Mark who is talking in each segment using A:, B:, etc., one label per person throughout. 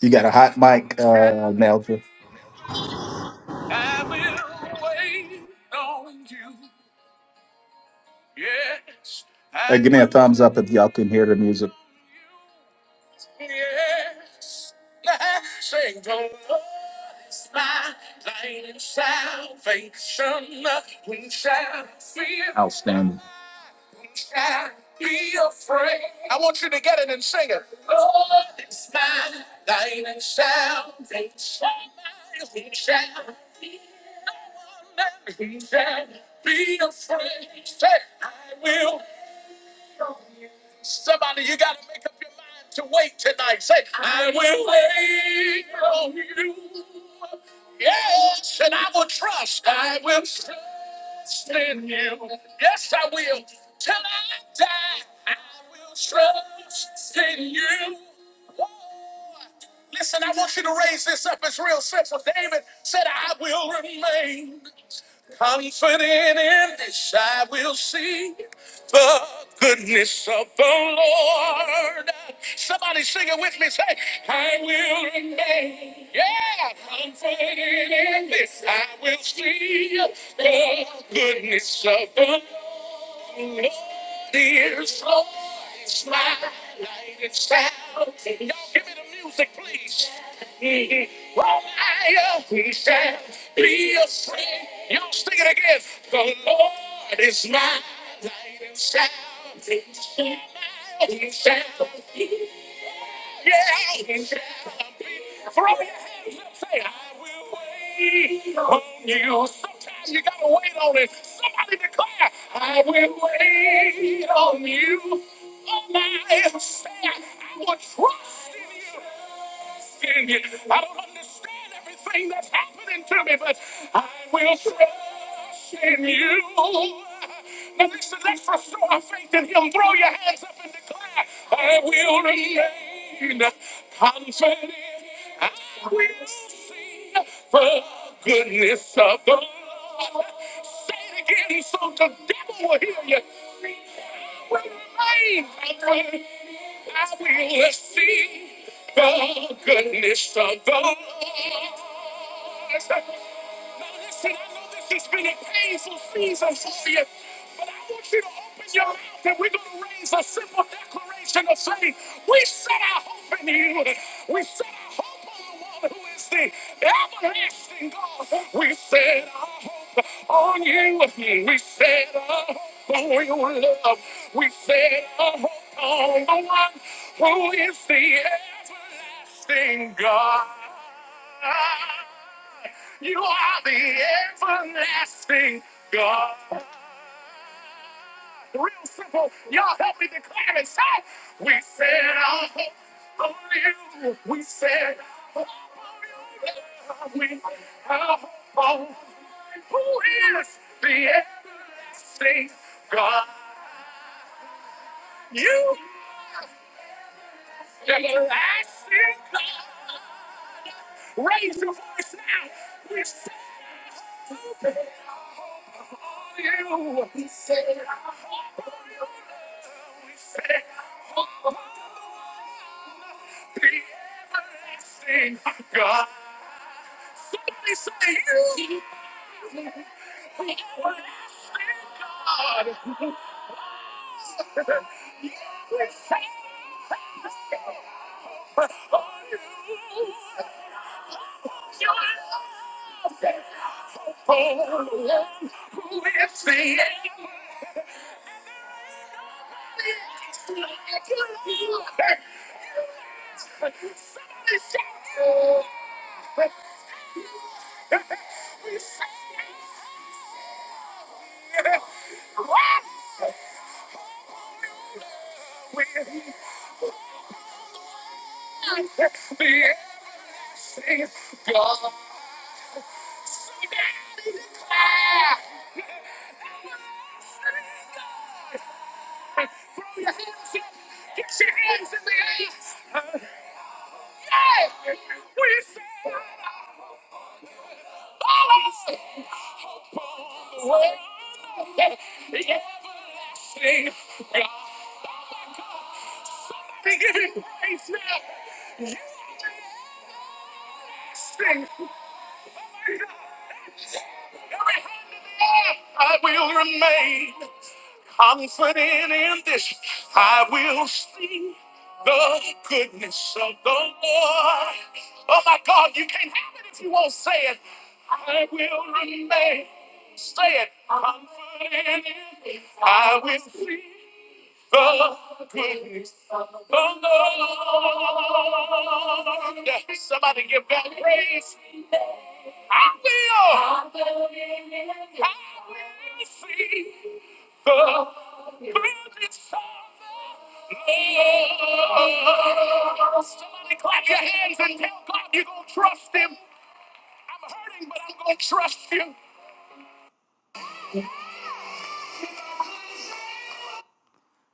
A: You got a hot mic, uh, Nelson. Hey, give me a thumbs up if y'all can hear the music. Outstanding.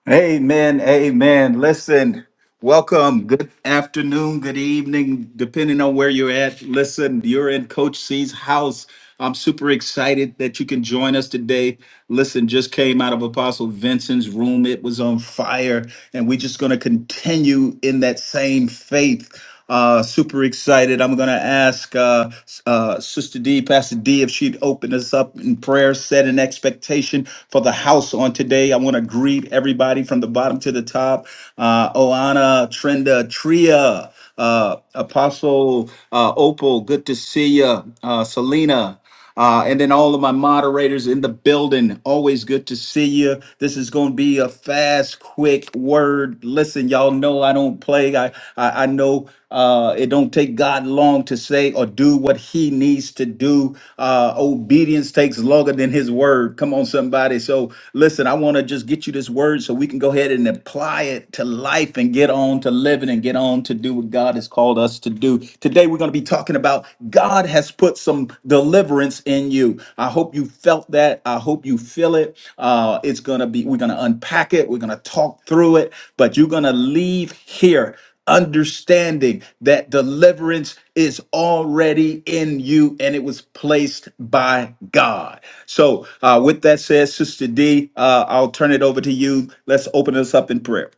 A: Amen. Amen. Listen, welcome. Good afternoon, good evening, depending on where you're at. Listen, you're in Coach C's house. I'm super excited that you can join us today. Listen, just came out of Apostle Vincent's room. It was on fire, and we're just going to continue in that same faith. Uh, super excited. I'm going to ask uh, uh, Sister D, Pastor D, if she'd open us up in prayer, set an expectation for the house on today. I want to greet everybody from the bottom to the top. Uh, Oana, Trenda, Tria, uh, Apostle uh, Opal, good to see you. Uh, Selena. Uh, and then all of my moderators in the building, always good to see you. This is going to be a fast, quick word. Listen, y'all know I don't play. I I, I know uh, it don't take God long to say or do what He needs to do. Uh, obedience takes longer than His word. Come on, somebody. So listen, I want to just get you this word so we can go ahead and apply it to life and get on to living and get on to do what God has called us to do. Today, we're going to be talking about God has put some deliverance in you. I hope you felt that. I hope you feel it. Uh, it's going to be, we're going to unpack it. We're going to talk through it, but you're going to leave here understanding that deliverance is already in you and it was placed by God. So, uh, with that said, Sister D, uh, I'll turn it over to you. Let's open this up in prayer.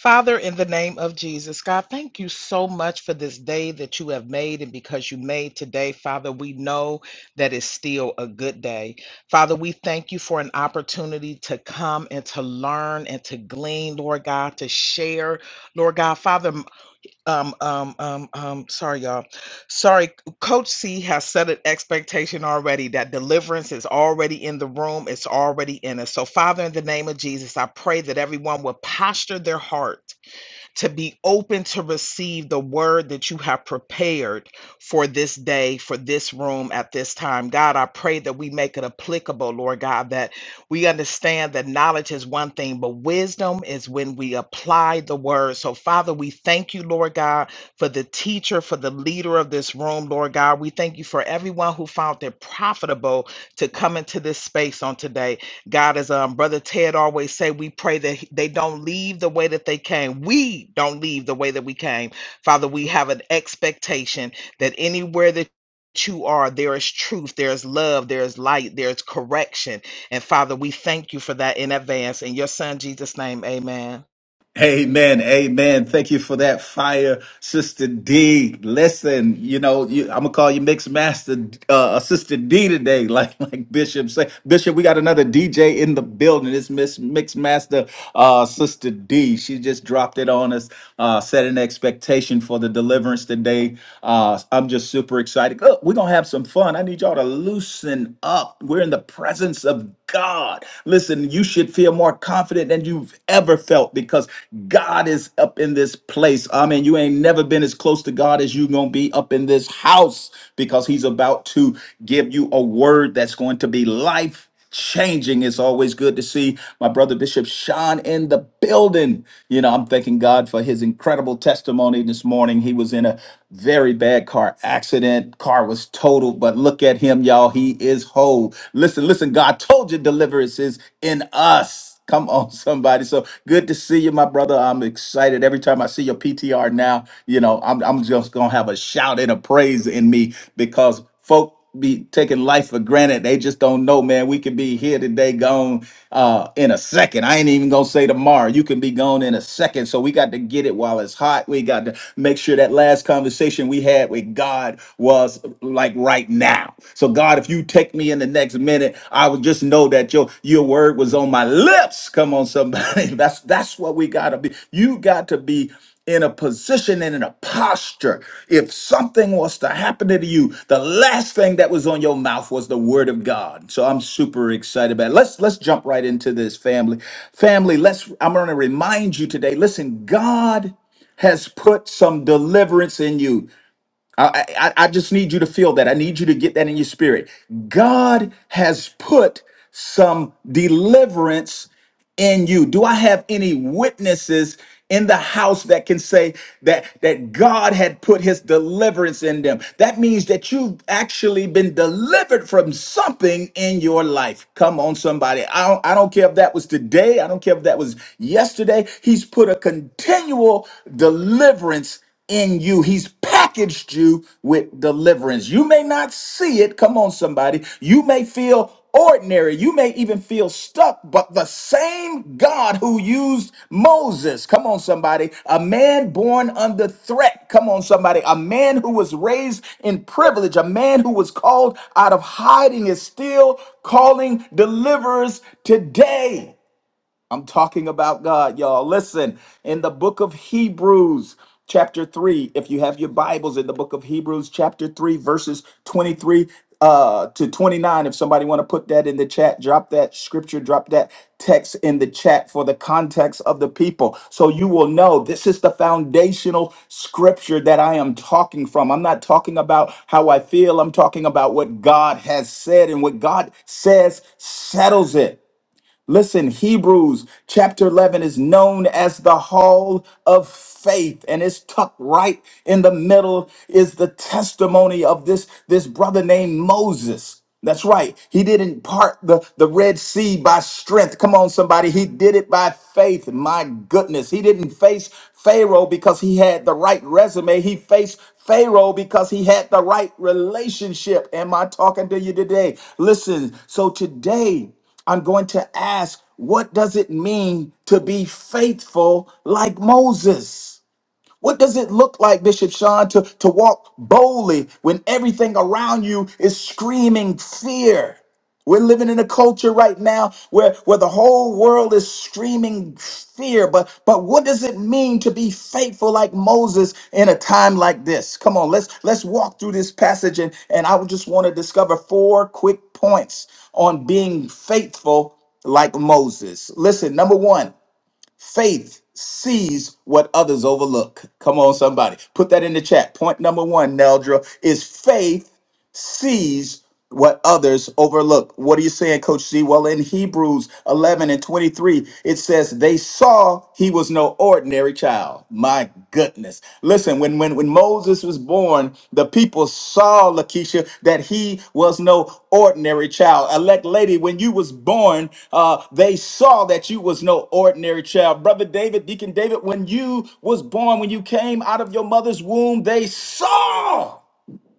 B: Father, in the name of Jesus, God, thank you so much for this day that you have made. And because you made today, Father, we know that it's still a good day. Father, we thank you for an opportunity to come and to learn and to glean, Lord God, to share, Lord God. Father, um, um, um, um, sorry, y'all. Sorry, Coach C has set an expectation already that deliverance is already in the room, it's already in us. So, Father, in the name of Jesus, I pray that everyone will posture their heart to be open to receive the word that you have prepared for this day, for this room at this time. God, I pray that we make it applicable, Lord God, that we understand that knowledge is one thing, but wisdom is when we apply the word. So, Father, we thank you, Lord God, for the teacher, for the leader of this room, Lord God. We thank you for everyone who found it profitable to come into this space on today. God, as um, Brother Ted always say, we pray that he- they don't leave the way that they came. We don't leave the way that we came. Father, we have an expectation that anywhere that you are, there is truth, there is love, there is light, there is correction. And Father, we thank you for that in advance. In your son Jesus' name, amen.
A: Amen. Amen. Thank you for that fire, Sister D. Listen, you know, you, I'm gonna call you Mixed Master uh uh, Sister D today, like like Bishop say. Bishop, we got another DJ in the building. It's Miss Mixed Master uh Sister D. She just dropped it on us, uh set an expectation for the deliverance today. Uh I'm just super excited. Look, we're gonna have some fun. I need y'all to loosen up. We're in the presence of God. Listen, you should feel more confident than you've ever felt because God is up in this place. I mean, you ain't never been as close to God as you going to be up in this house because He's about to give you a word that's going to be life changing. It's always good to see my brother Bishop Sean in the building. You know, I'm thanking God for his incredible testimony this morning. He was in a very bad car accident, car was totaled, but look at at him, y'all. He is whole. Listen, listen, God told you deliverance is in us. Come on, somebody. So good to see you, my brother. I'm excited. Every time I see your PTR now, you know, I'm, I'm just going to have a shout and a praise in me because folk be taking life for granted. They just don't know, man. We could be here today, gone uh, in a second. I ain't even gonna say tomorrow. You can be gone in a second. So we got to get it while it's hot. We got to make sure that last conversation we had we had with God was like right now. So God, if you take me in the next minute, I would just know that your your word was on my lips. Come on, somebody. That's that's what we gotta be. You got to be in a position and in a posture. If something was to happen to you, the last thing that was on your mouth was the word of God. So I'm super excited about it. Let's let's jump right into this family. Family, let's I'm gonna remind you today. Listen, God has put some deliverance in you. I, I, I just need you to feel that. I need you to get that in your spirit. God has put some deliverance in you. Do I have any witnesses in the house that can say that that God had put his deliverance in them? That means that you've actually been delivered from something in your life. Come on somebody. I don't I don't care if that was today, I don't care if that was yesterday. He's put a continual deliverance in you. He's packaged you with deliverance. You may not see it. Come on, somebody. You may feel ordinary. You may even feel stuck, but the same God who used Moses, come on, somebody, a man born under threat, come on, somebody, a man who was raised in privilege, a man who was called out of hiding is still calling deliverers today. I'm talking about God, y'all. Listen, in the book of Hebrews, chapter 3, if you have your Bibles in the book of Hebrews, chapter 3, verses 23 uh, to 29, if somebody want to put that in the chat, drop that scripture, drop that text in the chat for the context of the people. So you will know this is the foundational scripture that I am talking from. I'm not talking about how I feel, I'm talking about what God has said, and what God says settles it. Listen, Hebrews chapter 11 is known as the hall of faith and it's tucked right in the middle is the testimony of this this brother named Moses. That's right. He didn't part the, the Red Sea by strength. Come on, somebody. He did it by faith. My goodness. He didn't face Pharaoh because he had the right resume. He faced Pharaoh because he had the right relationship. Am I talking to you today? Listen, so today, I'm going to ask, what does it mean to be faithful like Moses? What does it look like, Bishop Sean, to, to walk boldly when everything around you is screaming fear? We're living in a culture right now where, where the whole world is screaming fear. But but what does it mean to be faithful like Moses in a time like this? Come on, let's let's walk through this passage and, and I would just want to discover four quick points on being faithful like Moses. Listen, number one. Faith sees what others overlook. Come on, somebody. Put that in the chat. Point number one, Neldra, is faith sees what others overlook. What are you saying, Coach C? Well, in Hebrews 11 and 23, it says, They saw he was no ordinary child. My goodness. Listen, when, when, when Moses was born, the people saw, Lakeisha, that he was no ordinary child. Elect lady, when you was born, uh, they saw that you was no ordinary child. Brother David, Deacon David, when you was born, when you came out of your mother's womb, they saw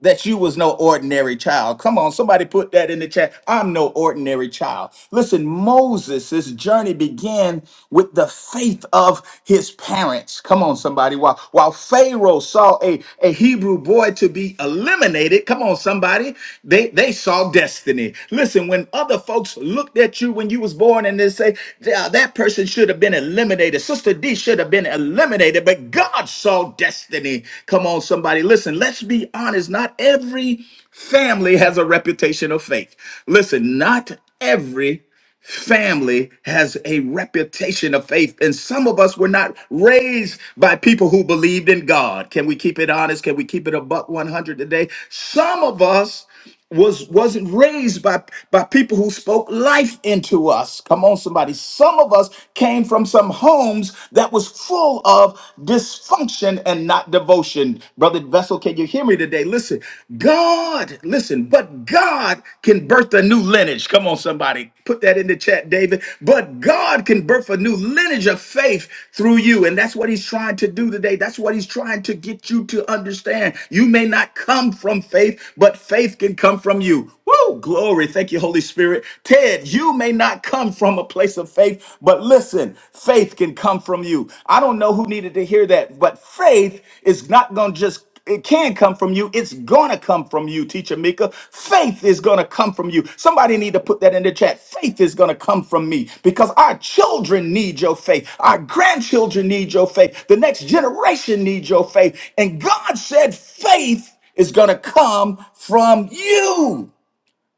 A: that you was no ordinary child. Come on, somebody put that in the chat. I'm no ordinary child. Listen, Moses' journey began with the faith of his parents. Come on, somebody. While, while Pharaoh saw a, a Hebrew boy to be eliminated, come on, somebody, they, they saw destiny. Listen, when other folks looked at you when you was born and they say, "Yeah, that person should have been eliminated. Sister D should have been eliminated, but God saw destiny. Come on, somebody. Listen, let's be honest. Not every family has a reputation of faith. Listen, not every family has a reputation of faith and some of us were not raised by people who believed in god can we keep it honest can we keep it a buck 100 today some of us was wasn't raised by by people who spoke life into us come on somebody some of us came from some homes that was full of dysfunction and not devotion brother vessel can you hear me today? today. Listen, God, listen, but God can birth a new lineage. Come on, somebody, put that in the chat, David. But God can birth a new lineage of faith through you. And that's what he's trying to do today. That's what he's trying to get you to understand. You may not come from faith, but faith can come from you. Woo, glory. Thank you, Holy Spirit. Ted, you may not come from a place of faith, but listen, faith can come from you. I don't know who needed to hear that, but faith is not going to just it can come from you. It's gonna come from you, teacher Mika. Faith is gonna come from you. Somebody need to put that in the chat. Faith is gonna come from me because our children need your faith. Our grandchildren need your faith. The next generation needs your faith. And God said faith is gonna come from you.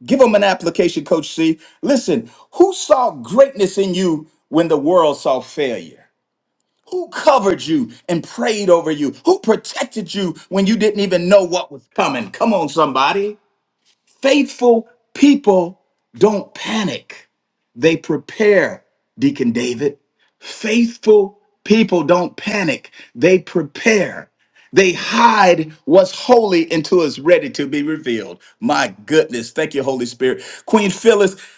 A: Give them an application, Coach C. Listen, who saw greatness in you when the world saw failure? Who covered you and prayed over you? Who protected you when you didn't even know what was coming? Come on, somebody. Faithful people don't panic, they prepare, Deacon David. Faithful people don't panic, they prepare. They hide what's holy until it's ready to be revealed. My goodness. Thank you, Holy Spirit. Queen Phyllis,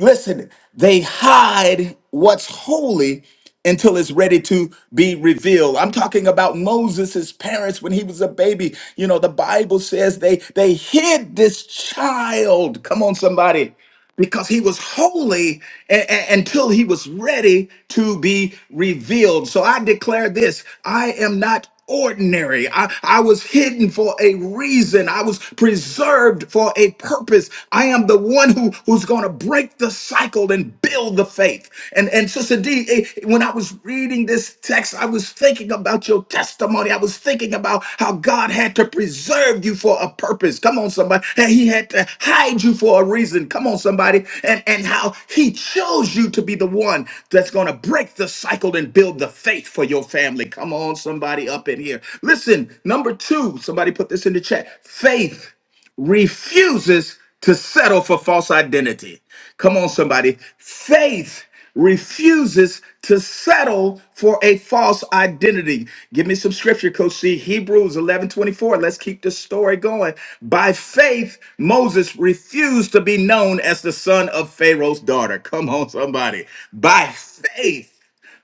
A: Listen, they hide what's holy until it's ready to be revealed. I'm talking about Moses' parents when he was a baby. You know, the Bible says they they hid this child. Come on, somebody. Because he was holy a- a- until he was ready to be revealed. So I declare this I am not ordinary. I, I was hidden for a reason. I was preserved for a purpose. I am the one who, who's going to break the cycle and build the faith. And, and Sister D, eh, when I was reading this text, I was thinking about your testimony. I was thinking about how God had had to preserve you for a purpose. Come on, somebody. And he had to hide you for a reason. Come on, somebody. And, and how he chose you to be the one that's going to break the cycle and build the faith for your family. Come on, somebody up in here. Listen, number two, somebody put this in the chat. Faith refuses to settle for false identity. Come on, somebody. Faith refuses to settle for a false identity. Give me some scripture, Coach C. Hebrews eleven twenty-four. Let's keep the story going. By faith, Moses refused to be known as the son of Pharaoh's daughter. Come on, somebody. By faith.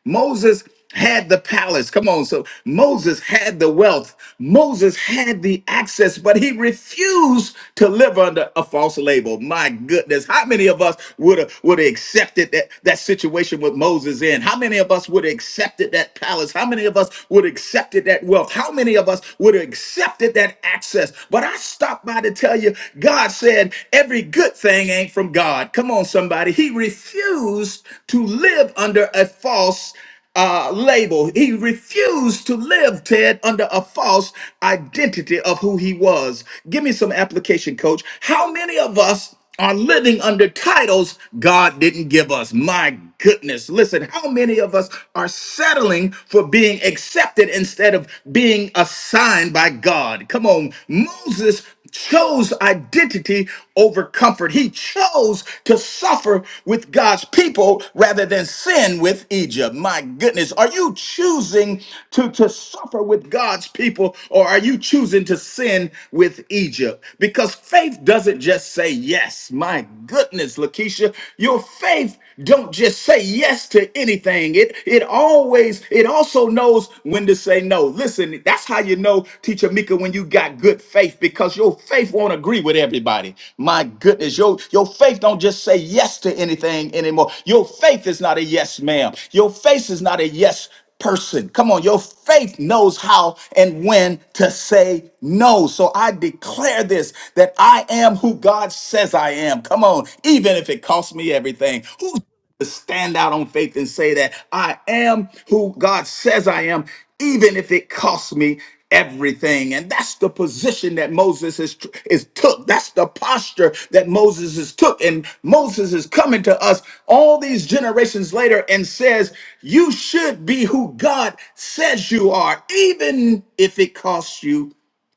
A: Moses had the palace. Come on. So Moses had the wealth. Moses had the access, but he refused to live under a false label. My goodness. How many of us would have would have accepted that, that situation with Moses in? How many of us would have accepted that palace? How many of us would have accepted that wealth? How many of us would have accepted that access? But I stopped by to tell you, God said every good thing ain't from God. God. Come on, somebody. He refused to live under a false uh, label. He refused to live, Ted, under a false identity of who he was. Give me some application, coach. How many of us are living under titles God didn't give us? My goodness. Listen, how many of us are settling for being accepted instead of being assigned by God? Come on, move Moses chose identity over comfort. He chose to suffer with God's people rather than sin with Egypt. My goodness, are you choosing to, to suffer with God's people or are you choosing to sin with Egypt? Because faith doesn't just say yes. My goodness, Lakeisha, your faith don't just say yes to anything. It it always it also knows knows when to say no. Listen, that's how you know, teacher Mika, when you got good faith, because your faith won't agree with everybody. My goodness, your, your faith don't just say yes to anything anymore. Your faith is not a yes, ma'am. Your faith is not a yes person. Come on, your faith knows how and when to say no. So I declare this that I am who God says I am. Come on, even if it costs me everything. Who to stand out on faith and say that I am who God says I am, even if it costs me everything. And that's the position that Moses is, is took. That's the posture that Moses is took. And Moses is coming to us all these generations later and says, you should be who God says you are, even if it costs you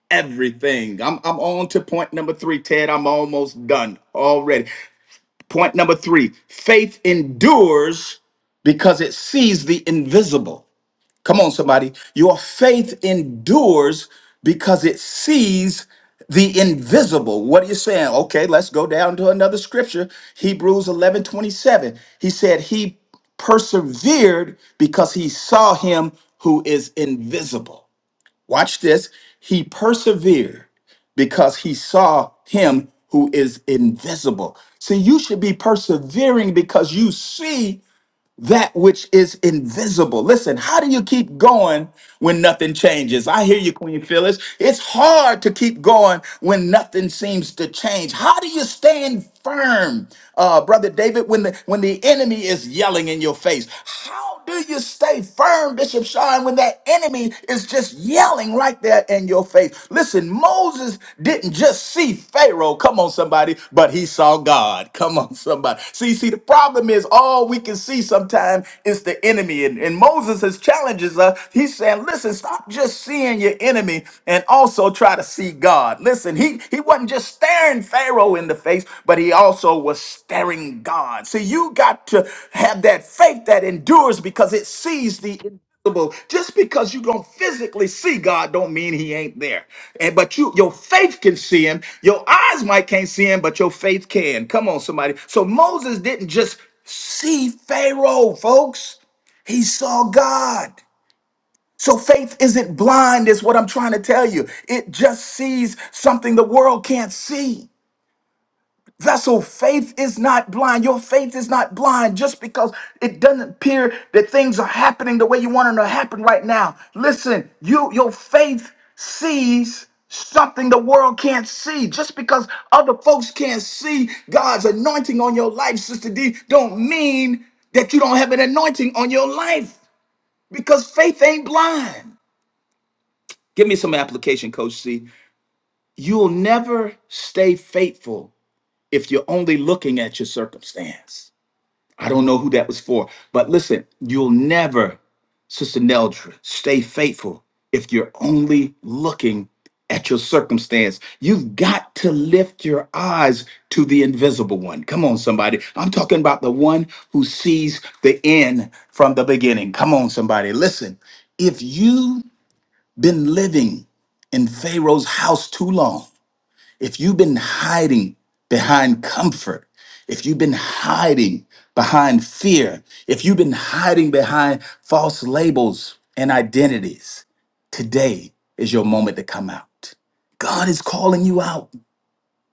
A: everything. I'm, I'm on to point number three, Ted. I'm almost done already. Point number three faith endures because it sees the invisible. Come on, somebody. Your faith endures because it sees the invisible. What are you saying? Okay, let's go down to another scripture. Hebrews 11 27. He said, He persevered because he saw him who is invisible. Watch this. He persevered because he saw him who is invisible. See, you should be persevering because you see that which is invisible. Listen, how do you keep going when nothing changes? I hear you, Queen Phyllis. It's hard to keep going when nothing seems to change. How do you stand firm, uh, brother David, when the when the enemy is yelling in your face? How how do you stay firm, Bishop Sean, when that enemy is just yelling right there in your face? Listen, Moses didn't just see Pharaoh, come on, somebody, but he saw God. Come on, somebody. See, see, the problem is all we can see sometimes is the enemy. And, and Moses is challenges us. He's saying, listen, stop just seeing your enemy and also try to see God. Listen, he he wasn't just staring Pharaoh in the face, but he also was staring God. See, you got to have that faith that endures because it sees the invisible. Just because you don't physically see God, don't mean He ain't there. And but you, your faith can see Him. Your eyes might can't see Him, but your faith can. Come on, somebody. So Moses didn't just see Pharaoh, folks. He saw God. So faith isn't blind, is what I'm trying to tell you. It just sees something the world can't see. Vessel, faith is not blind. Your faith is not blind just because it doesn't appear that things are happening the way you want them to happen right now. Listen, you your faith sees something the world can't see. Just because other folks can't see God's anointing on your life, Sister D, don't mean that you don't have an anointing on your life because faith ain't blind. Give me some application, Coach C. You'll never stay faithful if you're only looking at your circumstance. I don't know who that was for, but listen, you'll never, Sister Neldra, stay faithful if you're only looking at your circumstance. You've got to lift your eyes to the invisible one. Come on, somebody. I'm talking about the one who sees the end from the beginning. Come on, somebody. Listen, if you been living in Pharaoh's house too long, if you've been hiding behind comfort, if you've been hiding behind fear, if you've been hiding behind false labels and identities, today is your moment to come out. God is calling you out,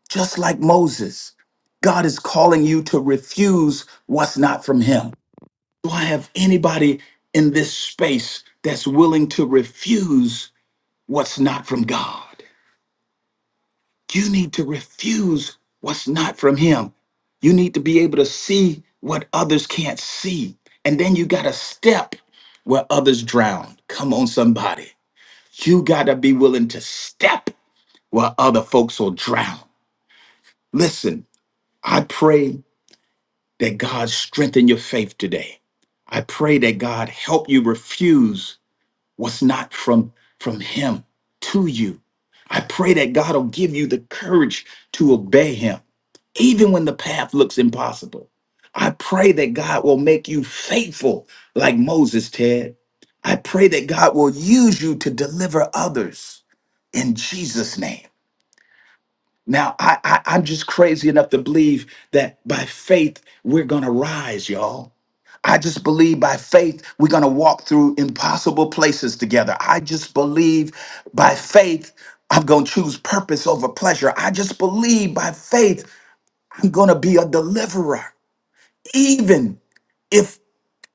A: just like Moses. God is calling you to refuse what's not from Him. Do I have anybody in this space that's willing to refuse? what's not from God. You need to refuse what's not from Him. You need to be able to see what others can't see. And then you got to step where others drown. Come on, somebody. You got to be willing to step where other folks will drown. Listen, I pray that God strengthen your faith today. I pray that God help you refuse Was not from from him to you i pray that god will give you the courage to obey him even when the path looks impossible i pray that god will make you faithful like moses ted i pray that god will use you to deliver others in jesus name now, I, I, I'm just crazy enough to believe that by faith, we're going to rise, y'all. I just believe by faith, we're going to walk through impossible places together. I just believe by faith, I'm going to choose purpose over pleasure. I just believe by faith, I'm going to be a deliverer, even if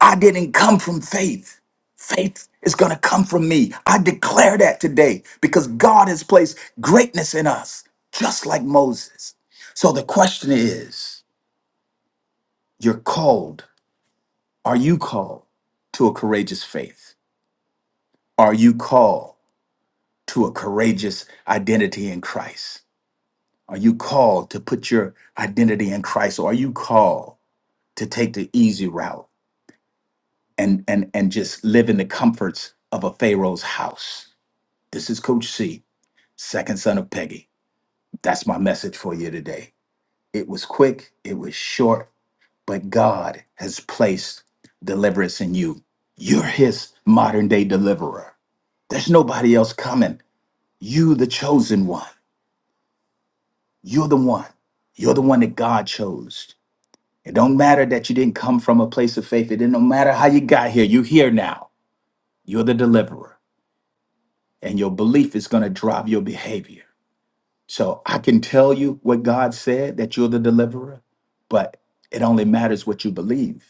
A: I didn't come from faith. Faith is going to come from me. I declare that today because God has placed greatness in us, just like Moses. So the question is you're called. Are you called to a courageous faith? Are you called to a courageous identity in Christ? Are you called to put your identity in Christ? Or are you called to take the easy route and, and, and just live in the comforts of a Pharaoh's house? This is Coach C, second son of Peggy. That's my message for you today. It was quick, it was short, but God has placed deliverance in you. You're his modern day deliverer. There's nobody else coming. You, the chosen one. You're the one. You're the one that God chose. It don't matter that you didn't come from a place of faith. It didn't no matter how you got here. You're here now. You're the deliverer. And your belief is going to drive your behavior. So I can tell you what God said that you're the deliverer, but it only matters what you believe.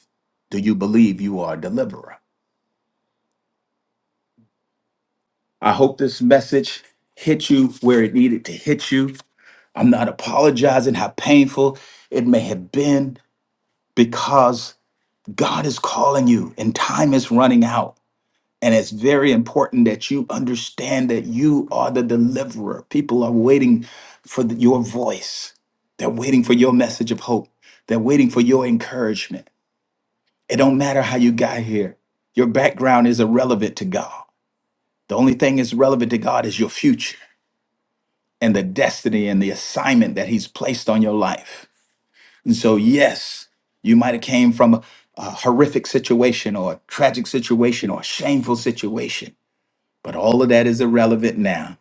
A: Do you believe you are a deliverer? I hope this message hit you where it needed to hit you. I'm not apologizing how painful it may have been because God is calling you and time is running out. And it's very important that you understand that you are the deliverer. People are waiting for the- your voice. They're waiting for your message of hope. They're waiting for your encouragement. It don't matter how you got here. Your background is irrelevant to God. The only thing that's relevant to God is your future and the destiny and the assignment that he's placed on your life. And so yes, you might have came from a a horrific situation or a tragic situation or a shameful situation But all of that is irrelevant now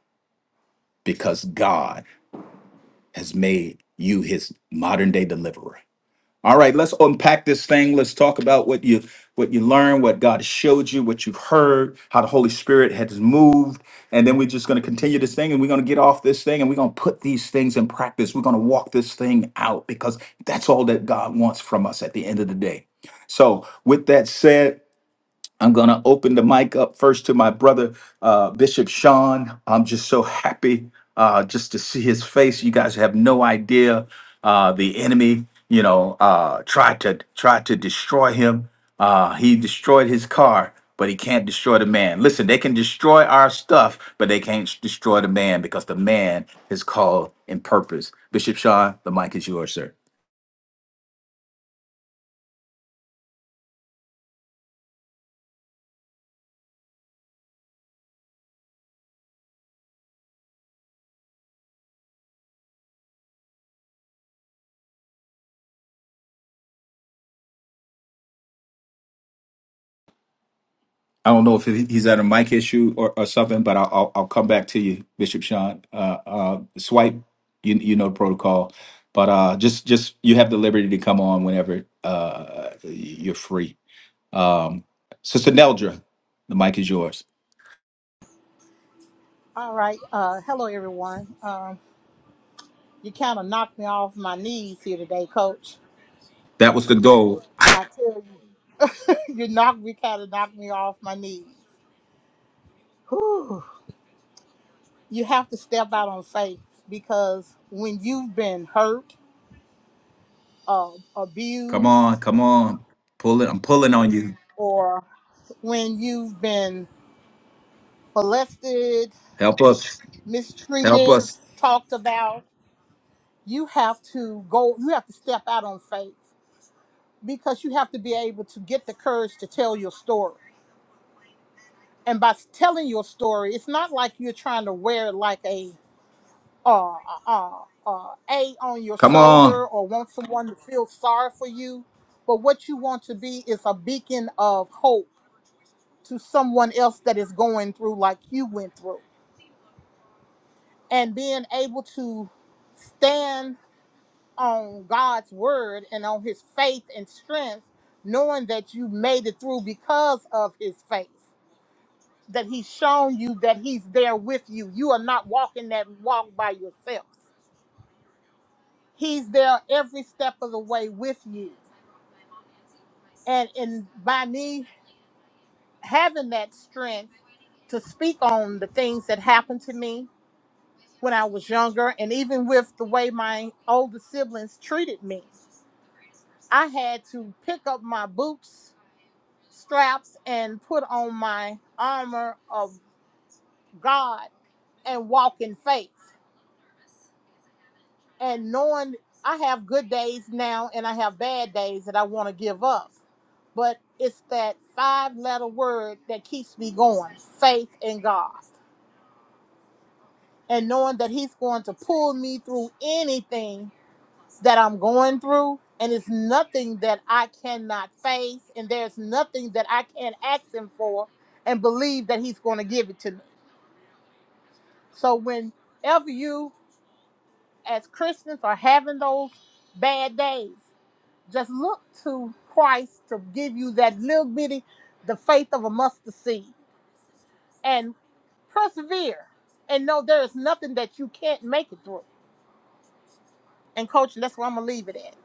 A: because God has made you his modern day deliverer. All right, let's unpack this thing. Let's talk about what you what you learned, what God showed you, what you've heard, how the Holy Spirit has moved. And then we're just going to continue this thing and we're going to get off this thing and we're going to put these things in practice. We're going to walk this thing out because that's all that God wants from us at the end of the day. So, with that said, I'm going to open the mic up first to my brother, uh, Bishop Sean. I'm just so happy uh, just to see his face. You guys have no idea. Uh, the enemy, you know, uh, tried to tried to destroy him. Uh, he destroyed his car, but he can't destroy the man. Listen, they can destroy our stuff, but they can't destroy the man because the man is called in purpose. Bishop Sean, the mic is yours, sir. I don't know if he- he's at a mic issue or, or something, but I'll, I'll I'll come back to you, Bishop Sean. Uh, uh, swipe, you you know the protocol, but uh, just just you have the liberty to come on whenever uh, you're free. Um, Sister Neldra, the mic is yours.
C: All right. Uh, hello, everyone. Um, you kind of knocked me off my knees here today, Coach.
A: That was the goal.
C: I tell you, you knocked me kind of knocked me off my knees. Whew. You have to step out on faith because when you've been hurt, uh,
A: Come on,
C: abused,
A: come on, pull it. I'm pulling on you.
C: or when you've been molested,
A: Help us, help
C: mistreated,
A: us.
C: talked about, you have to go. You have to step out on faith because you have to be able to get the courage to tell your story and by telling your story, it's not like you're trying to wear like a uh, uh, uh, uh, a on your
A: Come on.
C: shoulder or want someone to feel sorry for you. But what you want to be is a beacon of hope to someone else that is going through like you went through, and being able to stand on God's word and on His faith and strength, knowing that you made it through because of His faith. that he's shown you that he's there with you. You are not walking that walk by yourself. He's there every step of the way with you. And and by me having that strength to speak on the things that happened to me when I was younger and even with the way my older siblings treated me, I had to pick up my boots, straps and put on my armor of God and walk in faith. and knowing I have good days now and I have bad days that I want to give up. But it's that five letter word that keeps me going faith in God. And knowing that He's going to pull me through anything that I'm going through. And it's nothing that I cannot face. And there's nothing that I can't ask Him for and believe that He's going to give it to me. So, whenever you as Christians are having those bad days, Just look to Christ to give you that little bitty, the faith of a mustard seed. And persevere and know there is nothing that you can't make it through. And, coach, that's where I'm going to leave it at.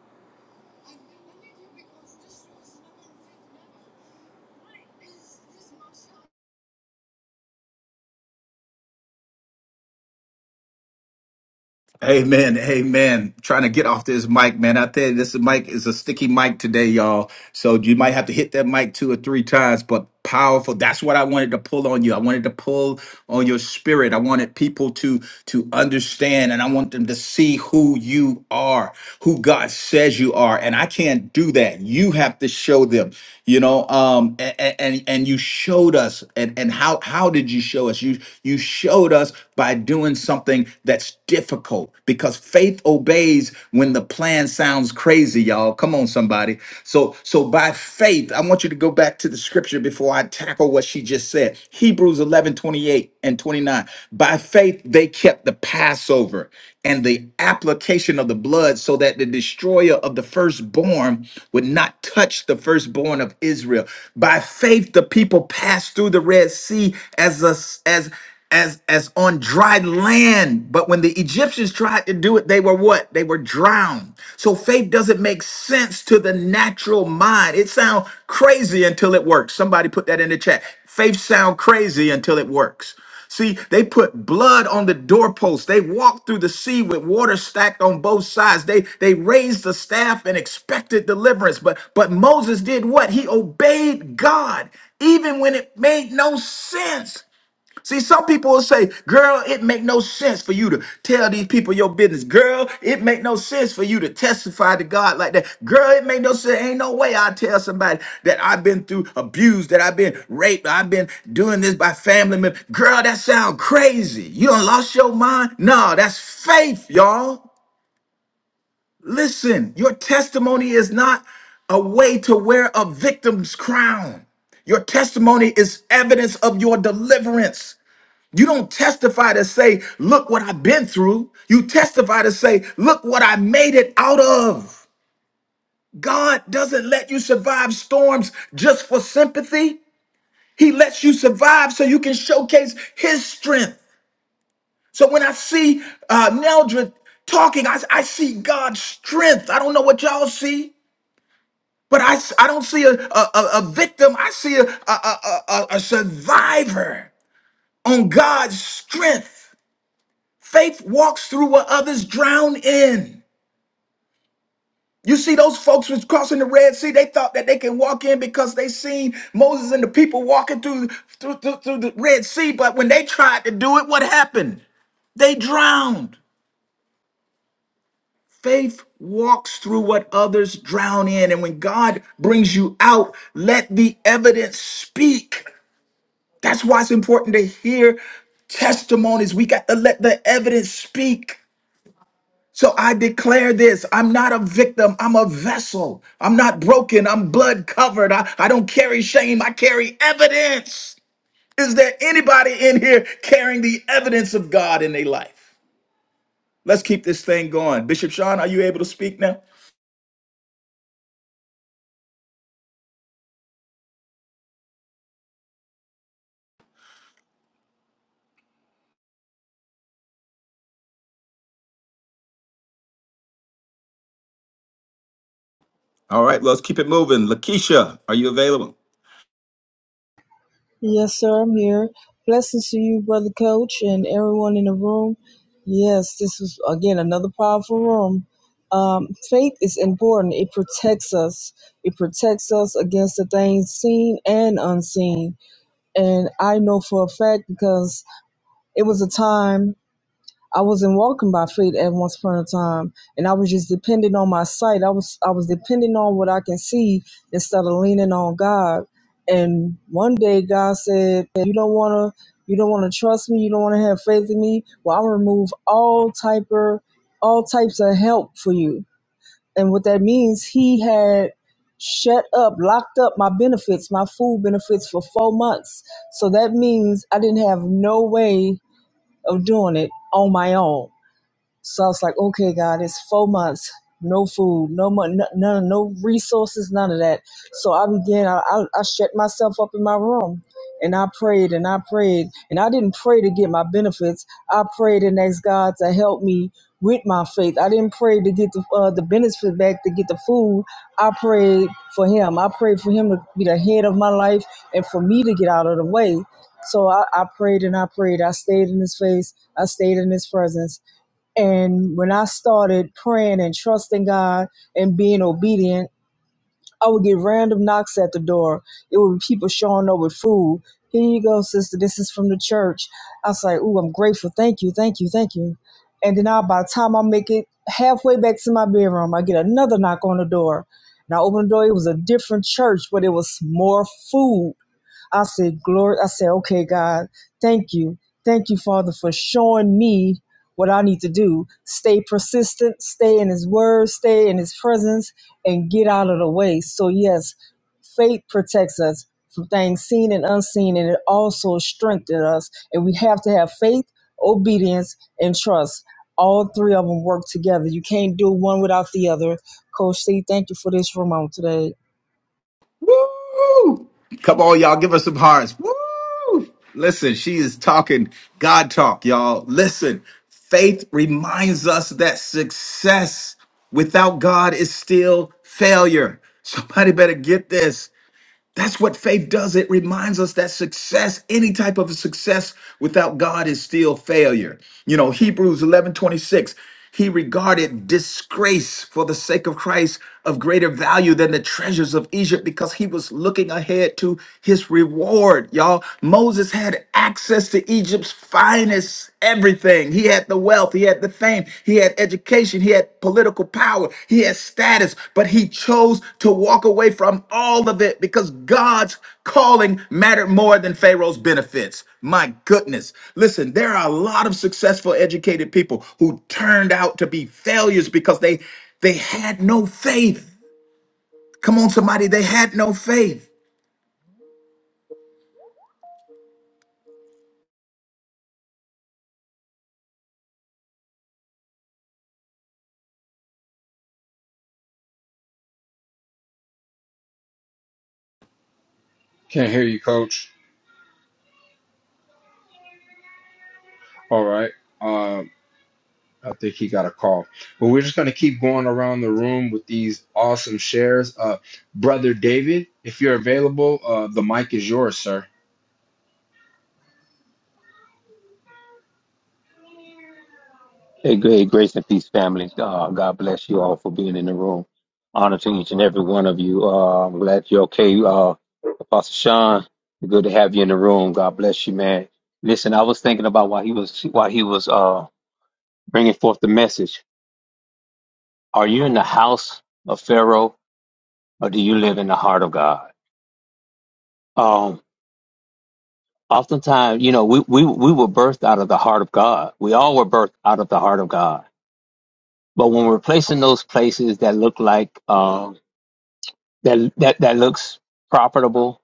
A: Amen. Amen. Trying to get off this mic, man. I tell you, this mic is a sticky mic today, y'all. So you might have to hit that mic two or three times, but powerful. That's what I wanted to pull on you. I wanted to pull on your spirit. I wanted people to to understand and I want them to see who you are, who God says you are. And I can't do that. You have to show them, you know. Um and and, and you showed us and, and how how did you show us? You you showed us by doing something something that's difficult because faith obeys when the plan sounds crazy, y'all. Come on, somebody. So, so by faith, I want you to go back to the scripture before I tackle what she just said. Hebrews 11 28 and 29. By faith, they kept the Passover and the application of the blood so that the destroyer of the firstborn would not touch the firstborn of Israel. By faith, the people passed through the Red Sea as a, as as as on dry land but when the egyptians tried to do it they were what they were drowned so faith doesn't make sense to the natural mind it sounds crazy until it works somebody put that in the chat faith sound crazy until it works See, they put blood on the doorpost. They walked through the sea with water stacked on both sides. They they raised the staff and expected deliverance. But but Moses did what? He obeyed God, even when it made no sense. See, some people will say, girl, it make no sense for you to tell these people your business. Girl, it make no sense for you to testify to God like that. Girl, it make no sense. Ain't no way I tell somebody that I've been through abuse, that I've been raped, I've been doing this by family members. Girl, that sound crazy. You done lost your mind? No, that's faith, y'all. Listen, your testimony is not a way to wear a victim's crown. Your testimony is evidence of your deliverance. You don't testify to say, look what I've been through. You testify to say, look what I made it out of. God doesn't let you survive storms just for sympathy. He lets you survive so you can showcase his strength. So when I see uh, Neldra talking, I, I see God's strength. I don't know what y'all see, but I, s- I don't see a, a, a a victim. I see a, a, a, a a- a survivor on God's strength. Faith walks through what others drown in. You see, those folks was crossing the Red Sea. They thought that they could walk in because they seen Moses and the people walking through through, through, through the Red Sea. But when they tried to do it, what happened? They drowned. Faith walks through what others drown in. And when God brings you out, let the evidence speak. That's why it's important to hear testimonies. We got to let the evidence speak. So I declare this I'm not a victim, I'm a vessel. I'm not broken, I'm blood covered. I, I don't carry shame, I carry evidence. Is there anybody in here carrying the evidence of God in their life? Let's keep this thing going. Bishop Sean, are you able to speak now? All right, let's keep it moving. Lakeisha, are you available?
D: Yes, sir, I'm here. Blessings to you, Brother Coach, and everyone in the room. Yes, this was, again, another powerful room. Um, faith is important. It protects us. It protects us against the things seen and unseen. And I know for a fact because it was a time I wasn't walking by faith at once upon a time, and I was just depending on my sight. I was I was depending on what I can see instead of leaning on God. And one day God said, "You don't want to, you don't want to trust me. You don't want to have faith in me. Well, I'll remove all type of, all types of help for you." And what that means, He had shut up, locked up my benefits, my food benefits for four months. So that means I didn't have no way of doing it on my own. So I was like, okay, God, it's four months, no food, no money, no, no resources, none of that. So I began, I, I, I shut myself up in my room and I prayed and I prayed. And I didn't pray to get my benefits. I prayed and asked God to help me with my faith. I didn't pray to get the, uh, the benefits back, to get the food. I prayed for him. I prayed for him to be the head of my life and for me to get out of the way. So I, I prayed and I prayed. I stayed in his face. I stayed in his presence and when I started praying and trusting God and being obedient, I would get random knocks at the door. It would be people showing up with food. Here you go, sister. This is from the church. I was like, ooh, I'm grateful. Thank you, thank you, thank you. And then now, by the time I make it halfway back to my bedroom, I get another knock on the door. And I open the door. It was a different church, but it was more food I said, Glory. I said, okay, God, thank you. Thank you, Father, for showing me what I need to do. Stay persistent, stay in His Word, stay in His presence, and get out of the way. So, yes, faith protects us from things seen and unseen, and it also strengthens us. And we have to have faith, obedience, and trust. All three of them work together. You can't do one without the other. Coach C, thank you for this room on today.
A: Woo! Come on, y'all, give us some hearts. Woo! Listen, she is talking God talk, y'all. Listen, faith reminds us that success without God is still failure. Somebody better get this. That's what faith does. It reminds us that success, any type of success without God is still failure. You know, Hebrews 11:26. he regarded disgrace for the sake of Christ of greater value than the treasures of Egypt because he was looking ahead to his reward. Y'all, Moses had access to Egypt's finest everything. He had the wealth, he had the fame, he had education, he had political power, he had status, but he chose to walk away from all of it because God's calling mattered more than Pharaoh's benefits. My goodness. Listen, there are a lot of successful educated people who turned out to be failures because they they had no faith. Come on somebody, they had no faith.
E: Can't hear you, coach. All right. Um, I think he got a call. But we're just going to keep going around the room with these awesome shares. Uh, Brother David, if you're available, uh, the mic is yours, sir.
F: Hey, great grace and peace, family. Uh, God bless you all for being in the room. Honor to each and every one of you. Uh, I'm glad you're okay. Uh, Apostle Sean, good to have you in the room. God bless you, man. Listen, I was thinking about why he was why he was uh, bringing forth the message. Are you in the house of Pharaoh, or do you live in the heart of God? Um, oftentimes, you know, we, we we were birthed out of the heart of God. We all were birthed out of the heart of God. But when we're placed in those places that look like um. that that that looks profitable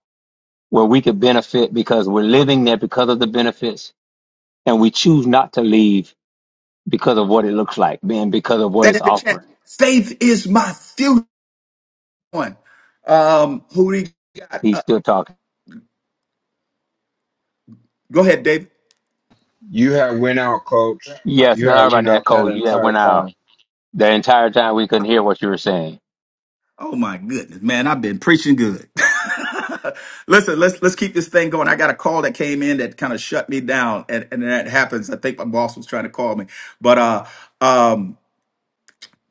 F: where we could benefit because we're living there because of the benefits and we choose not to leave because of what it looks like and because of what
A: That
F: it's
A: in the chat.
F: offering
A: Faith is my future one. Um who do you-
F: he's still talking
A: go ahead, Dave.
E: You had went out, coach.
F: yes
E: You
F: sorry
E: had
F: about
E: went
F: that
E: out that
F: coach you that
E: entire
F: went out
E: time.
F: the entire time we couldn't hear what you were saying
A: Oh my goodness, man! I've been preaching good. Listen, let's let's keep this thing going. I got a call that came in that kind of shut me down, and, and that happens. I think my boss was trying to call me, but uh, um,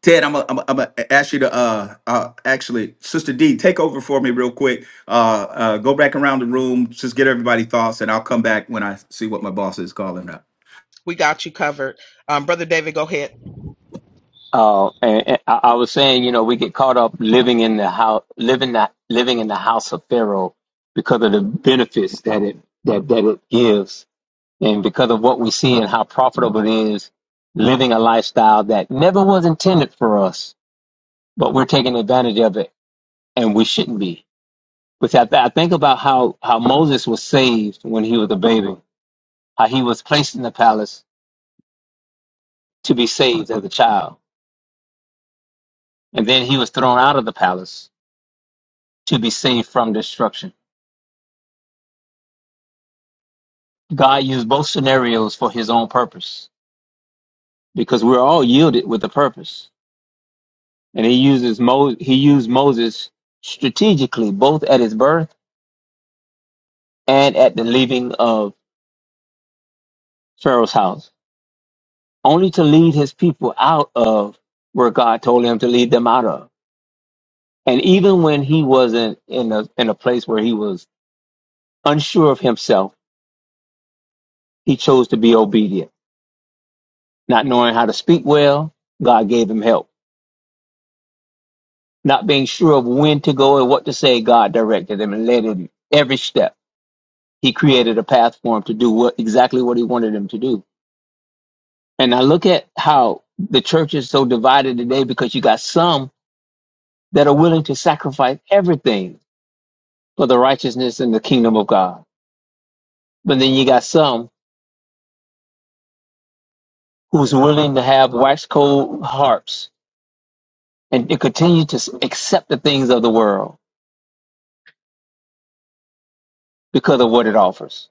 A: Ted, I'm gonna I'm I'm ask you to uh, uh, actually, Sister D, take over for me real quick. Uh, uh, go back around the room, just get everybody thoughts, and I'll come back when I see what my boss is calling up.
B: We got you covered. Um, Brother David, go ahead.
F: uh and, and I, I was saying you know we get caught up living in the house living that living in the house of pharaoh because of the benefits that it that that it gives And because of what we see and how profitable it is, living a lifestyle that never was intended for us, but we're taking advantage of it and we shouldn't be. Which I, I think about how, how Moses was saved when he was a baby, how he was placed in the palace to be saved as a child. And then he was thrown out of the palace to be saved from destruction. God used both scenarios for his own purpose because we're all yielded with a purpose. And he uses Mo- he used Moses strategically both at his birth and at the leaving of Pharaoh's house, only to lead his people out of where God told him to lead them out of. And even when he wasn't in a in a place where he was unsure of himself, he chose to be obedient. Not knowing how to speak well, God gave him help. Not being sure of when to go and what to say, God directed him and led him every step. He created a path for him to do what exactly what he wanted him to do. And I look at how the church is so divided today because you got some that are willing to sacrifice everything for the righteousness and the kingdom of God. But then you got some who's willing to have wax cold hearts and to continue to accept the things of the world because of what it offers.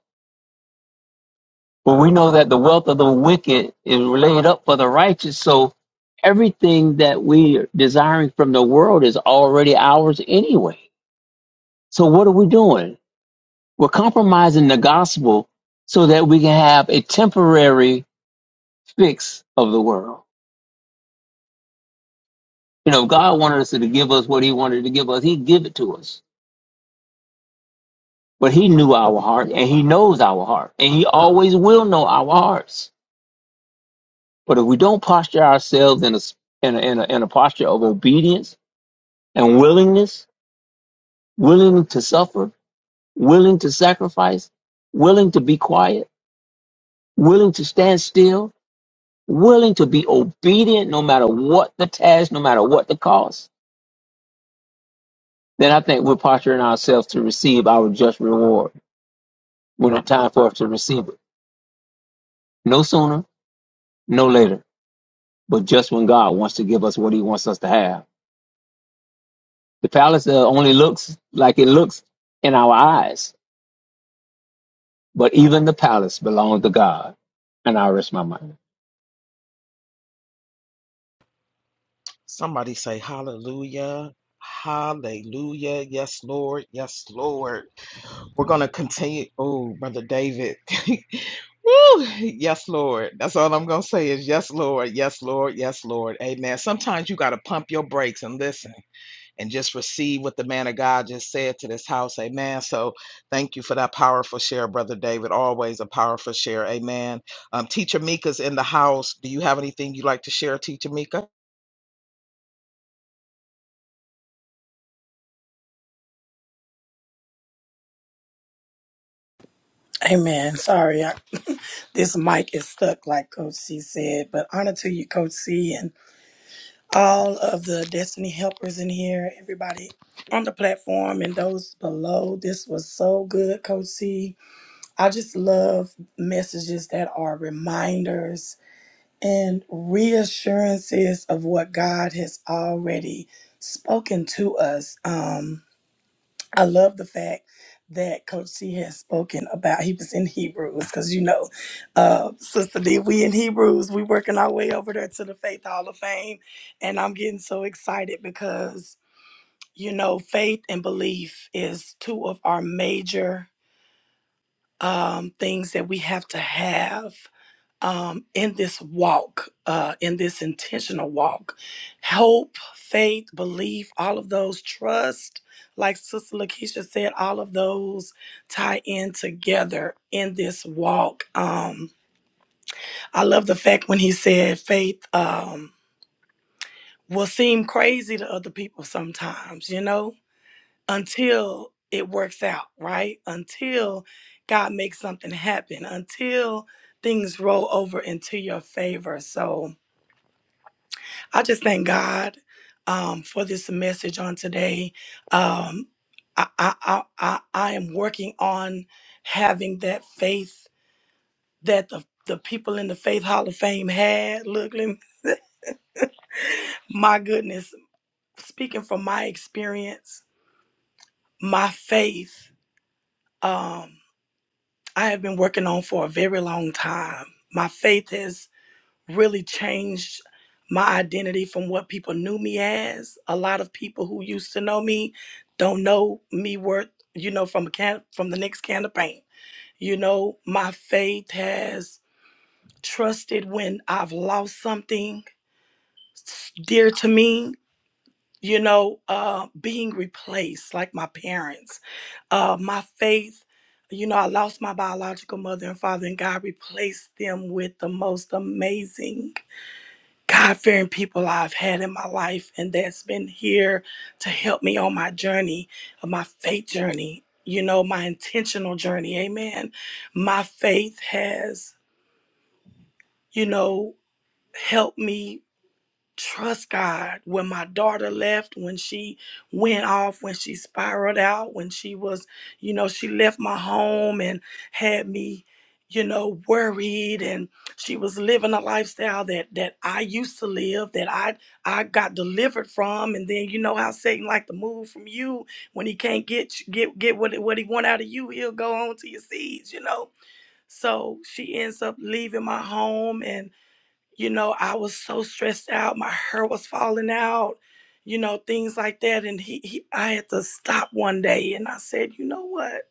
F: But we know that the wealth of the wicked is laid up for the righteous. So everything that we are desiring from the world is already ours anyway. So what are we doing? We're compromising the gospel so that we can have a temporary fix of the world. You know, God wanted us to give us what He wanted to give us, He'd give it to us. But He knew our heart and He knows our heart and He always will know our hearts. But if we don't posture ourselves in a, s- in a, in a, in a posture of obedience and willingness, willing to suffer, willing to sacrifice, willing to be quiet, willing to stand still, willing to be obedient no matter what the task, no matter what the cost, then I think we're posturing ourselves to receive our just reward when it's time for us to receive it. No sooner, no later, but just when God wants to give us what he wants us to have. The palace uh, only looks like it looks in our eyes, but even the palace belongs to God. And I rest my mind.
B: Somebody say hallelujah. Hallelujah. Yes, Lord. Yes, Lord. We're going to continue. Oh, Brother David. Woo! Yes, Lord. That's all I'm going to say is yes, Lord. Yes, Lord. Yes, Lord. Amen. Sometimes you got to pump your brakes and listen and just receive what the man of God just said to this house. Amen. So thank you for that powerful share, Brother David. Always a powerful share. Amen. Um, Teacher Mika's in the house. Do you have anything you'd like to share, Teacher Mika?
G: Amen. Sorry, I, this mic is stuck, like Coach C said. But honor to you, Coach C, and all of the Destiny helpers in here, everybody on the platform and those below. This was so good, Coach C. I just love messages that are reminders and reassurances of what God has already spoken to us. Um, I love the fact that Coach C has spoken about he was in Hebrews because you know, uh, Sister D, we in Hebrews, we working our way over there to the Faith Hall of Fame, and I'm getting so excited because you know, faith and belief is two of our major um, things that we have to have um, in this walk, uh, in this intentional walk. Hope, faith, belief, all of those, trust, like Sister Lakeisha said, all of those tie in together in this walk. Um, I love the fact when he said faith um, will seem crazy to other people sometimes, you know, until it works out, right? Until God makes something happen, until things roll over into your favor. So, I just thank God um, for this message on today. Um, I, I, I, I I am working on having that faith that the, the people in the Faith Hall of Fame had. Look, let me- my goodness, speaking from my experience, my faith, um, I have been working on for a very long time. My faith has really changed my identity from what people knew me as. A lot of people who used to know me don't know me worth, you know, from a can from the next can of paint. You know, my faith has trusted when I've lost something s- dear to me. You know, uh, being replaced like my parents. Uh, my faith, you know, I lost my biological mother and father, and God replaced them with the most amazing God fearing people I've had in my life and that's been here to help me on my journey, of my faith journey, you know, my intentional journey. Amen. My faith has, you know, helped me trust God. When my daughter left, when she went off, when she spiraled out, when she was, you know, she left my home and had me, you know, worried and she was living a lifestyle that that I used to live, that I I got delivered from. And then you know how Satan like to move from you when he can't get get get what what he want out of you, he'll go on to your seeds, you know. So she ends up leaving my home and you know, I was so stressed out. My hair was falling out, you know, things like that. And he, he I had to stop one day and I said, you know what?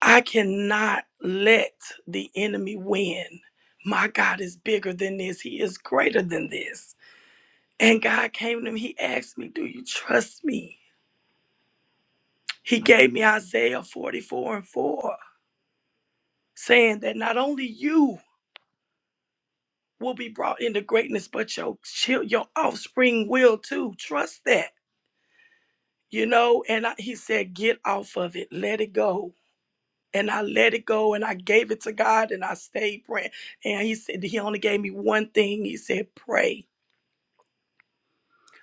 G: I cannot let the enemy win. My God is bigger than this. He is greater than this. And God came to me. He asked me, Do you trust me? He gave me Isaiah 44 and 4, saying that not only you will be brought into greatness, but your chil- your offspring will too. Trust that. you know and I, he said get off of it let it go and i let it go and i gave it to god and i stayed praying and he said he only gave me one thing he said pray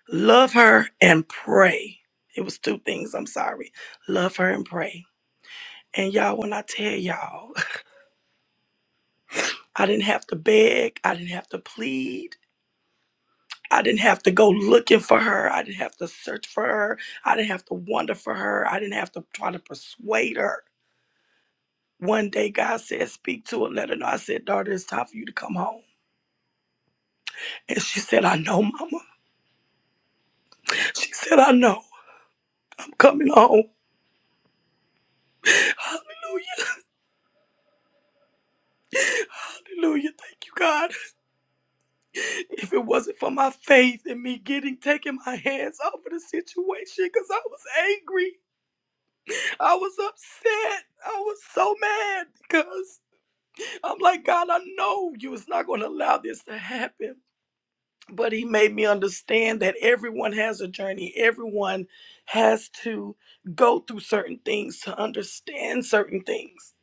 G: love her and pray it was two things i'm sorry love her and pray and y'all when i tell y'all i didn't have to beg i didn't have to plead I didn't have to go looking for her. I didn't have to search for her. I didn't have to wonder for her. I didn't have to try to persuade her. One day God said, Speak to her, let her know. I said, Daughter, it's time for you to come home. And she said, I know, Mama. She said, I know. I'm coming home. Hallelujah. Hallelujah. Thank you, God. If it wasn't for my faith and me getting taking my hands off of the situation, because I was angry. I was upset. I was so mad because I'm like, God, I know you is not gonna allow this to happen. but he made me understand that everyone has a journey everyone has to go through certain things to understand certain things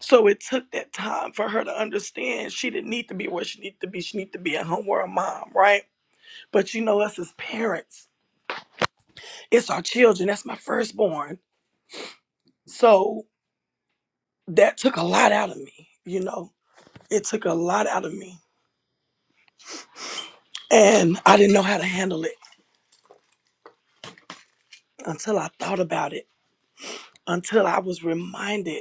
G: so it took that time for her to understand she didn't need to be where she needed to be she needed to be a home or a mom right but you know us as parents it's our children that's my firstborn so that took a lot out of me you know it took a lot out of me and i didn't know how to handle it until i thought about it until i was reminded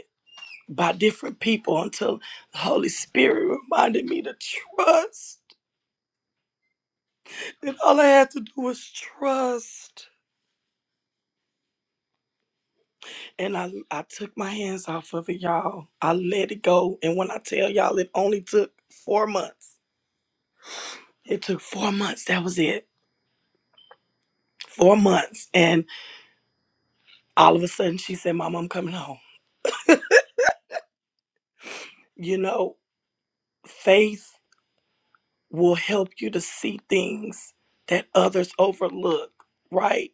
G: by different people until the Holy Spirit reminded me to trust. That all I had to do was trust. And I, I took my hands off of it, y'all. I let it go. And when I tell y'all, it only took four months. It took four months. That was it. Four months. And all of a sudden, she said, Mom, I'm coming home. You know, faith will help you to see things that others overlook, right?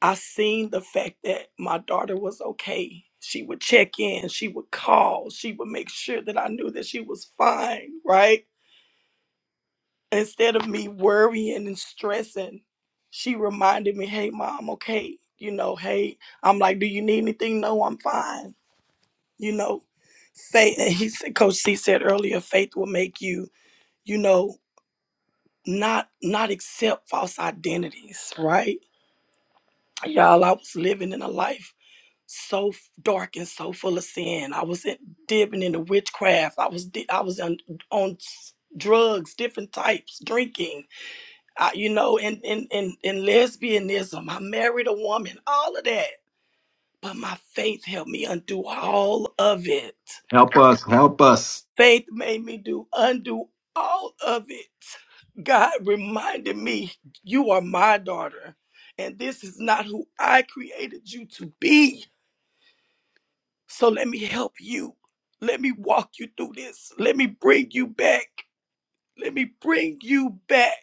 G: I seen the fact that my daughter was okay. She would check in, she would call, she would make sure that I knew that she was fine, right? Instead of me worrying and stressing, she reminded me, hey, mom, I'm okay. You know, hey, I'm like, do you need anything? No, I'm fine. You know, faith, and he said, Coach C said earlier, faith will make you, you know, not not accept false identities, right? Y'all, I was living in a life. so f- dark and so full of sin. I was in, dipping into witchcraft. I was di- I was on on s- drugs, different types, drinking. I, you know, and and and and lesbianism. I married a woman. All of that. But my faith helped me undo all of it.
A: Help us, help us.
G: Faith made me do undo all of it. God reminded me, "You are my daughter." And this is not who I created you to be. So let me help you. Let me walk you through this. Let me bring you back. Let me bring you back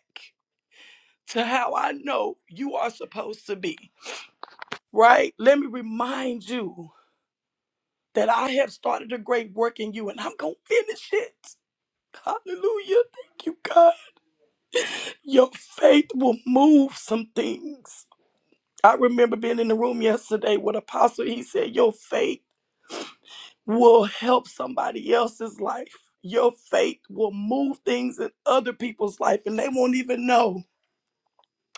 G: to how I know you are supposed to be, right? Let me remind you that I have started a great work in you and I'm going to finish it. Hallelujah. Thank you, God. Your faith will move some things. I remember being in the room yesterday with Apostle. He said, Your faith will help somebody else's life. Your faith will move things in other people's life and they won't even know.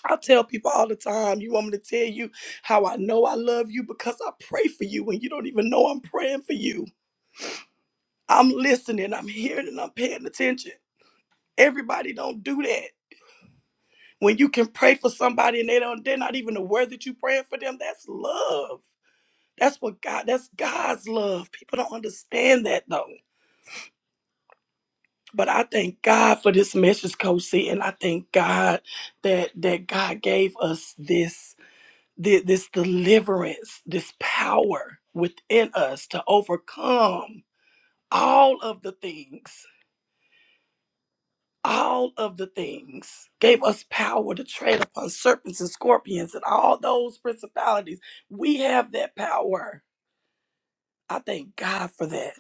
G: I tell people all the time, you want me to tell you how I know I love you because I pray for you and you don't even know I'm praying for you. I'm listening, I'm hearing, and I'm paying attention. Everybody don't do that. When you can pray for somebody and they don't they're not even aware that you're praying for them, that's love. That's what God that's God's love. People don't understand that though. But I thank God for this message, Coach C, and I thank God that that God gave us this thi- this deliverance, this power within us to overcome all of the things, all of the things. Gave us power to tread upon serpents and scorpions and all those principalities. We have that power. I thank God for that.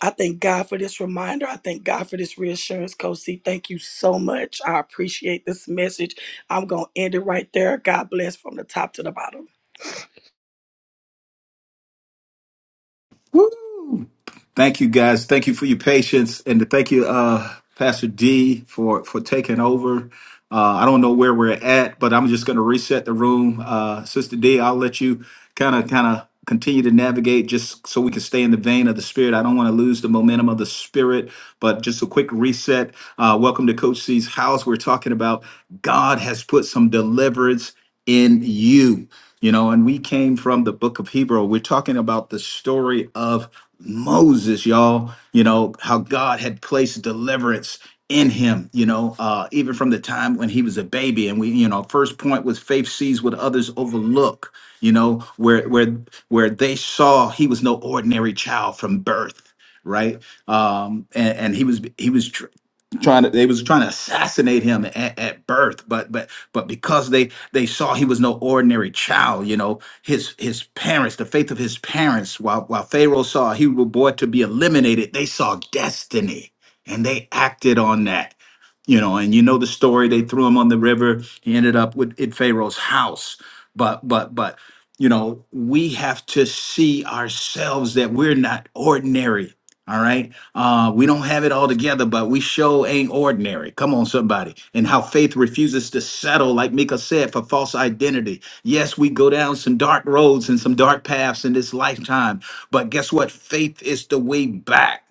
G: I thank God for this reminder. I thank God for this reassurance, Coach C. Thank you so much. I appreciate this message. I'm going to end it right there. God bless from the top to the bottom.
A: Woo! Thank you guys. Thank you for your patience and thank you, uh, Pastor D for, for taking over. Uh, I don't know where we're at, but I'm just going to reset the room. Uh, Sister D, I'll let you kind of, kind of continue to navigate just so we can stay in the vein of the spirit. I don't want to lose the momentum of the spirit, but just a quick reset. Uh, welcome to Coach C's house. We're talking about God has put some deliverance in you. You know, and we came from the book of Hebrew. We're talking about the story of Moses, y'all. You know, how God had placed deliverance in him, you know, uh, even from the time when he was a baby. And we, you know, first point was faith sees what others overlook, you know, where where where they saw he was no ordinary child from birth right um and, and he was he was trying to they was trying to assassinate him at, at birth but but but because they they saw he was no ordinary child you know his his parents the faith of his parents while while pharaoh saw a hebrew boy to be eliminated they saw destiny and they acted on that you know and you know the story they threw him on the river he ended up with in pharaoh's house but but but you know we have to see ourselves that we're not ordinary all right uh, we don't have it all together, but we show ain't ordinary. Come on, somebody. And how faith refuses to settle, like Mika said, for false identity. Yes, we go down some dark roads and some dark paths in this lifetime, but guess what? Faith is the way back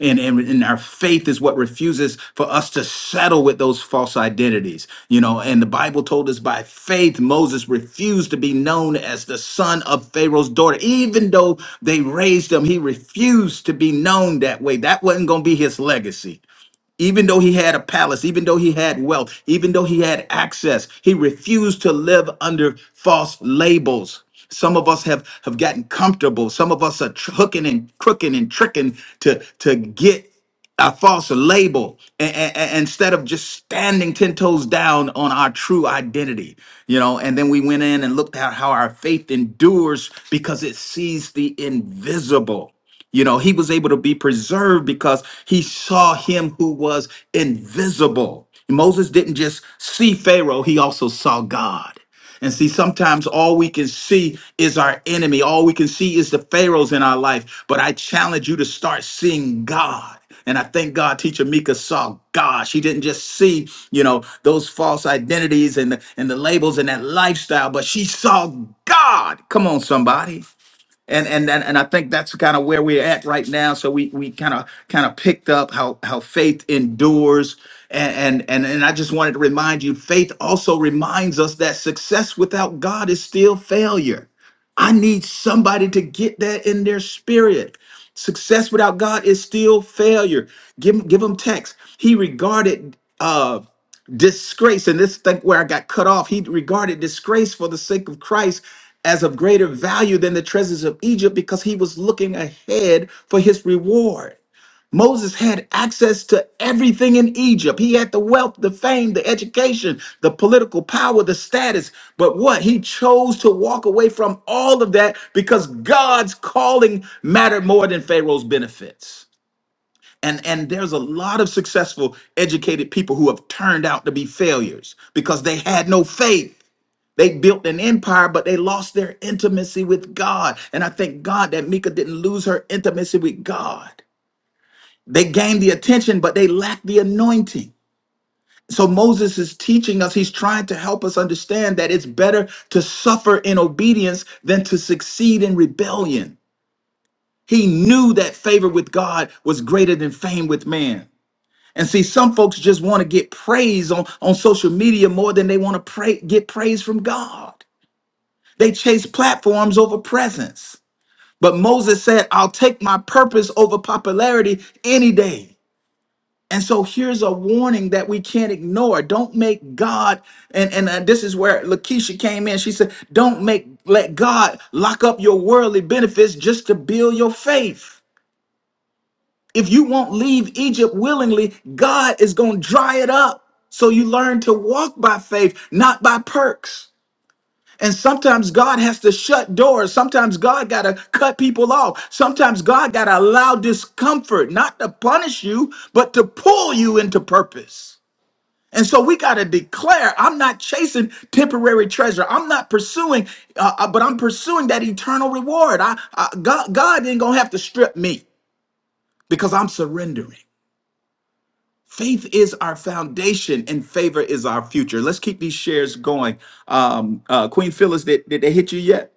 A: And and and our faith is what refuses for us to settle with those false identities. You know, and the Bible told us by faith, Moses refused to be known as the son of Pharaoh's daughter. Even though they raised him, he refused to be known that way. That wasn't going to be his legacy. Even though he had a palace, even though he had wealth, even though he had access, he refused to live under false labels. Some of us have, have gotten comfortable. Some of us are tr- hooking and crooking and tricking to, to get a false label a- a- a- instead of just standing 10 toes down on our true identity you know and then we went in and looked at how our faith endures because it sees the invisible you know, he was able to be preserved because he saw him who was invisible. Moses didn't just see Pharaoh, he also saw God. And see, sometimes all we can see is our enemy. All we can see is the Pharaohs in our life. But I challenge you to start seeing God. And I thank God teacher Mika saw God. She didn't just see, you know, those false identities and the, and the labels and that lifestyle, but she saw God. Come on, somebody and and and, and I think that's kind of where we're at right now. So we we kind of kind of picked up how how faith endures, and, and and and I just wanted to remind you, faith also reminds us that success without God is still failure. I need somebody to get that in their spirit. Success without God is still failure. Give 'em- give them text. He regarded. Uh, disgrace and this thing where i got cut off he regarded disgrace for the sake of christ as of greater value than the treasures of egypt because he was looking ahead for his reward moses had access to everything in egypt he had the wealth the fame the education the political power the status but what he chose to walk away from all of that because god's calling mattered more than pharaoh's benefits and and there's a lot of successful educated people who have turned out to be failures because they had no faith they built an empire but they lost their intimacy with god and i thank god that mika didn't lose her intimacy with god they gained the attention but they lacked the anointing so moses is teaching us he's trying to help us understand that it's better to suffer in obedience than to succeed in rebellion he knew that favor with god was greater than fame with man And see, some folks just want to get praise on, on social media more than they want to pray, get praise from God. They chase platforms over presence. But Moses said, I'll take my purpose over popularity any day. And so here's a warning that we can't ignore. Don't make God, and, and uh, this is where Lakeisha came in. She said, Don't make let God lock up your worldly benefits just to build your faith. If you won't leave Egypt willingly, God is going to dry it up. So you learn to walk by faith, not by perks. And sometimes God has to shut doors. Sometimes God got to cut people off. Sometimes God got to allow discomfort, not to punish you, but to pull you into purpose. And so we got to declare I'm not chasing temporary treasure. I'm not pursuing, uh, uh, but I'm pursuing that eternal reward. I, I, God, God ain't going to have to strip me because I'm surrendering. Faith is our foundation and favor is our future. Let's keep these shares going. Um, uh, Queen Phyllis, did, did they hit you yet?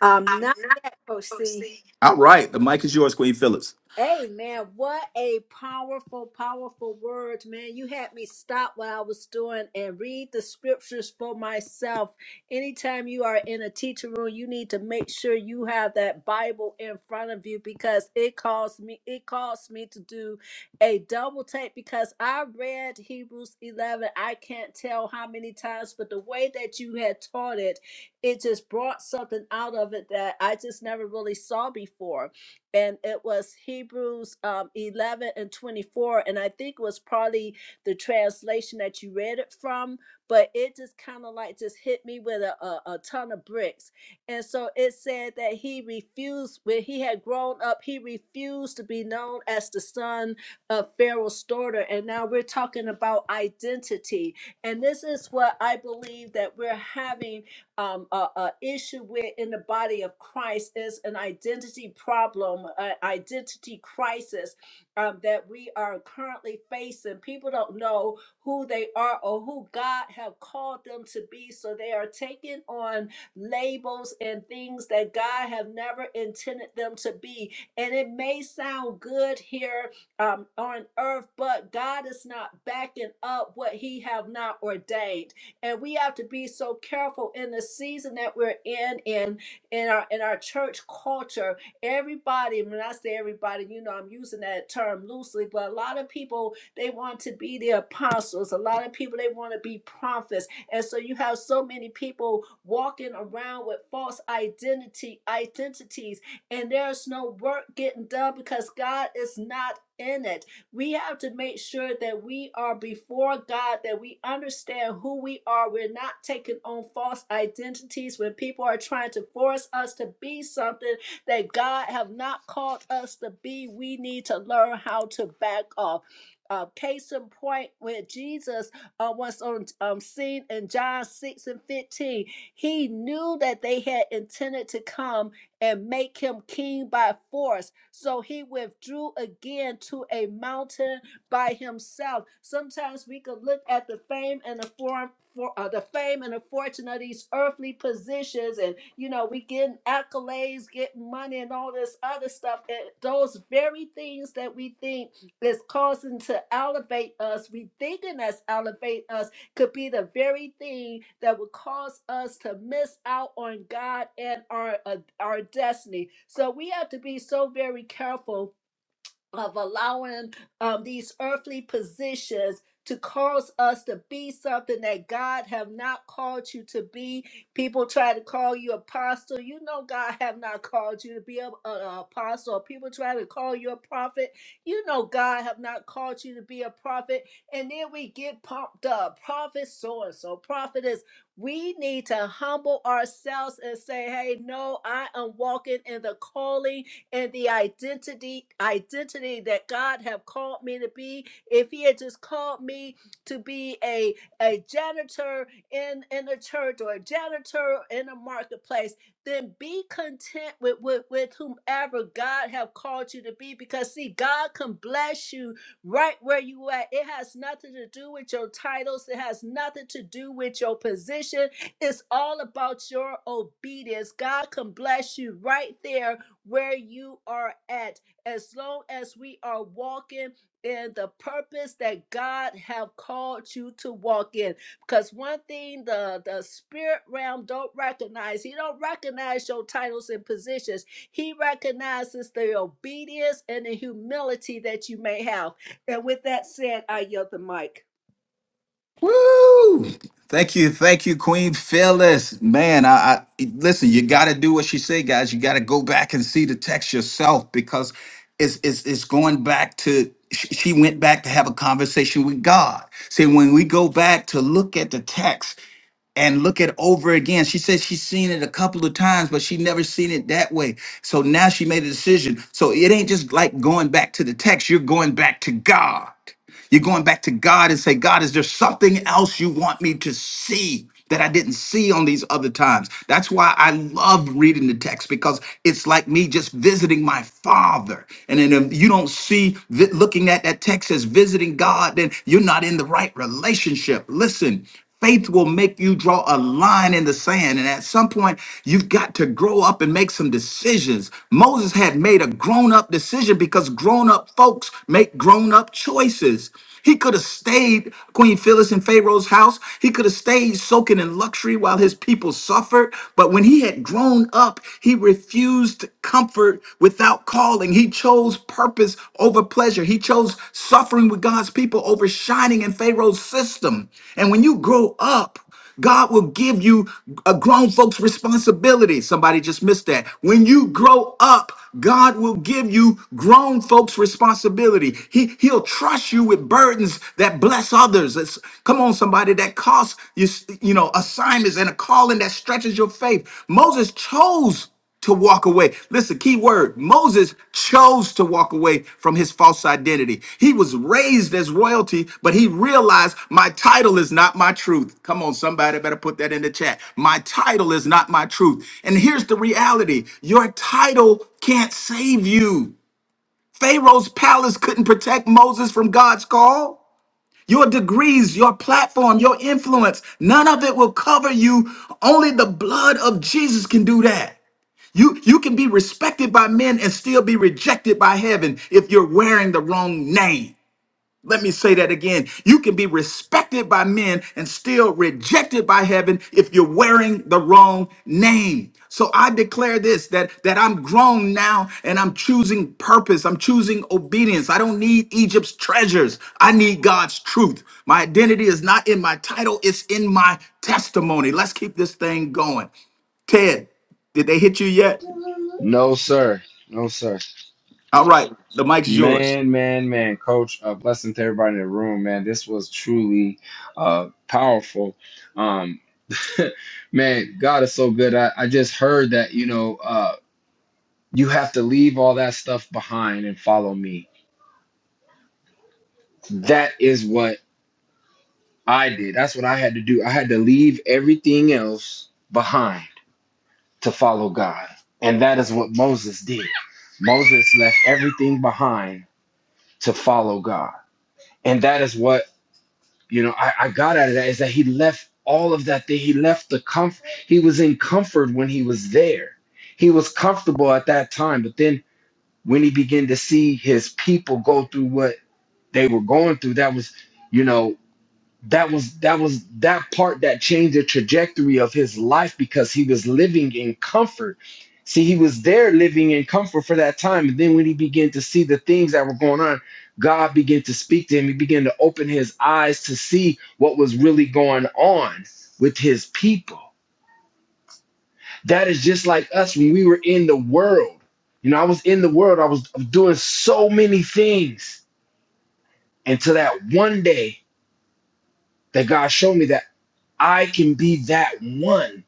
H: Um, not yet, Coach C.
A: All right, the mic is yours, Queen Phyllis.
H: Amen. What a powerful, powerful word, man. You had me stop what I was doing and read the scriptures for myself. Anytime you are in a teacher room, you need to make sure you have that Bible in front of you because it caused me, it caused me to do a double take because I read Hebrews 11. I can't tell how many times, but the way that you had taught it, it just brought something out of it that I just never really saw before and it was Hebrews um, 11 and 24. And I think it was probably the translation that you read it from, but it just kind of like just hit me with a, a, a ton of bricks. And so it said that he refused, when he had grown up, he refused to be known as the son of Pharaoh's daughter. And now we're talking about identity. And this is what I believe that we're having um, a, a issue where in the body of Christ is an identity problem, an identity crisis um, that we are currently facing. People don't know who they are or who God have called them to be, so they are taking on labels and things that God have never intended them to be. And it may sound good here um, on earth, but God is not backing up what He have not ordained and we have to be so careful in the season that we're in in in our in our church culture everybody when i say everybody you know i'm using that term loosely but a lot of people they want to be the apostles a lot of people they want to be prophets and so you have so many people walking around with false identity identities and there's no work getting done because god is not in it we have to make sure that we are before God, that we understand who we are. We're not taking on false identities when people are trying to force us to be something that God have not called us to be. We need to learn how to back off. Uh, case in point, when Jesus uh, was on um, scene in John 6 and 15, he knew that they had intended to come and make him king by force. So he withdrew again to a mountain by himself. Sometimes we could look at the fame and the form. For, uh, the fame and the fortune of these earthly positions, and you know, we getting accolades, getting money, and all this other stuff. And those very things that we think is causing to elevate us, we thinking that's elevate us could be the very thing that would cause us to miss out on God and our uh, our destiny. So we have to be so very careful of allowing um, these earthly positions to cause us to be something that God have not called you to be. People try to call you apostle. You know God have not called you to be an apostle. People try to call you a prophet. You know God have not called you to be a prophet. And then we get pumped up. Prophet so and so, prophetess. We need to humble ourselves and say, hey, no, I am walking in the calling and the identity identity that God have called me to be. If He had just called me to be a a janitor in in a church or a janitor in a marketplace, then be content with with, with whomever God have called you to be. Because see, God can bless you right where you at. It has nothing to do with your titles. It has nothing to do with your position. It's all about your obedience. God can bless you right there where you are at as long as we are walking in the purpose that God have called you to walk in because one thing the the spirit realm don't recognize he don't recognize your titles and positions he recognizes the obedience and the humility that you may have and with that said I yield the mic
A: Woo! Thank you, thank you, Queen Phyllis. Man, I, I listen. You got to do what she said, guys. You got to go back and see the text yourself because it's it's it's going back to. She she went back to have a conversation with God. See, when we go back to look at the text, and look it over again. She said she's seen it a couple of times, but she never seen it that way. So now she made a decision. So it ain't just like going back to the text, you're going back to God. You're going back to God and say, God, is there something else you want me to see? That I didn't see on these other times. That's why I love reading the text because it's like me just visiting my father. And then if you don't see vi- looking at that text as visiting God, then you're not in the right relationship. Listen, Faith will make you draw a line in the sand. And at some point, you've got to grow up and make some decisions. Moses had made a grown up decision because grown up folks make grown up choices. He could have stayed Queen Phyllis in Pharaoh's house. He could have stayed soaking in luxury while his people suffered. But when he had grown up, he refused comfort without cause calling. He chose purpose over pleasure. He chose suffering with God's people over shining in Pharaoh's system. And when you grow up, God will give you a grown folks responsibility. Somebody just missed that. When you grow up, God will give you grown folks responsibility. He he'll trust you with burdens that bless others. It's- come on somebody that costs you you know assignments and a calling that stretches your faith. Moses chose to walk away. Listen, key word Moses chose to walk away from his false identity. He was raised as royalty, but he realized my title is not my truth. Come on, somebody better put that in the chat. My title is not my truth. And here's the reality your title can't save you. Pharaoh's palace couldn't protect Moses from God's call. Your degrees, your platform, your influence, none of it will cover you. Only the blood of Jesus can do that. You you can be respected by men and still be rejected by heaven if you're wearing the wrong name. Let me say that again. You can be respected by men and still rejected by heaven if you're wearing the wrong name. So I declare this that that I'm grown now and I'm choosing purpose. I'm choosing obedience. I don't need Egypt's treasures. I need God's truth. My identity is not in my title, it's in my testimony. Let's keep this thing going. Ted, did they hit you yet?
E: No, sir. No, sir.
A: All right, the mic's yours.
E: Man, man, man, coach. A blessing to everybody in the room, man. This was truly uh, powerful. Um, man, God is so good. I, I just heard that, you know. uh, You have to leave all that stuff behind and follow me. That is what I did. That's what I had to do. I had to leave everything else behind to follow God. And that is what Moses did. Moses left everything behind to follow God. And that is what, you know, I, I got out of that is that he left all of that thing. He left the comfort. He was in comfort when he was there. He was comfortable at that time. But then when he began to see his people go through what they were going through that was you know that was that was that part that changed the trajectory of his life because he was living in comfort see he was there living in comfort for that time and then when he began to see the things that were going on god began to speak to him he began to open his eyes to see what was really going on with his people that is just like us when we were in the world you know i was in the world i was doing so many things until that one day that God showed me that I can be that one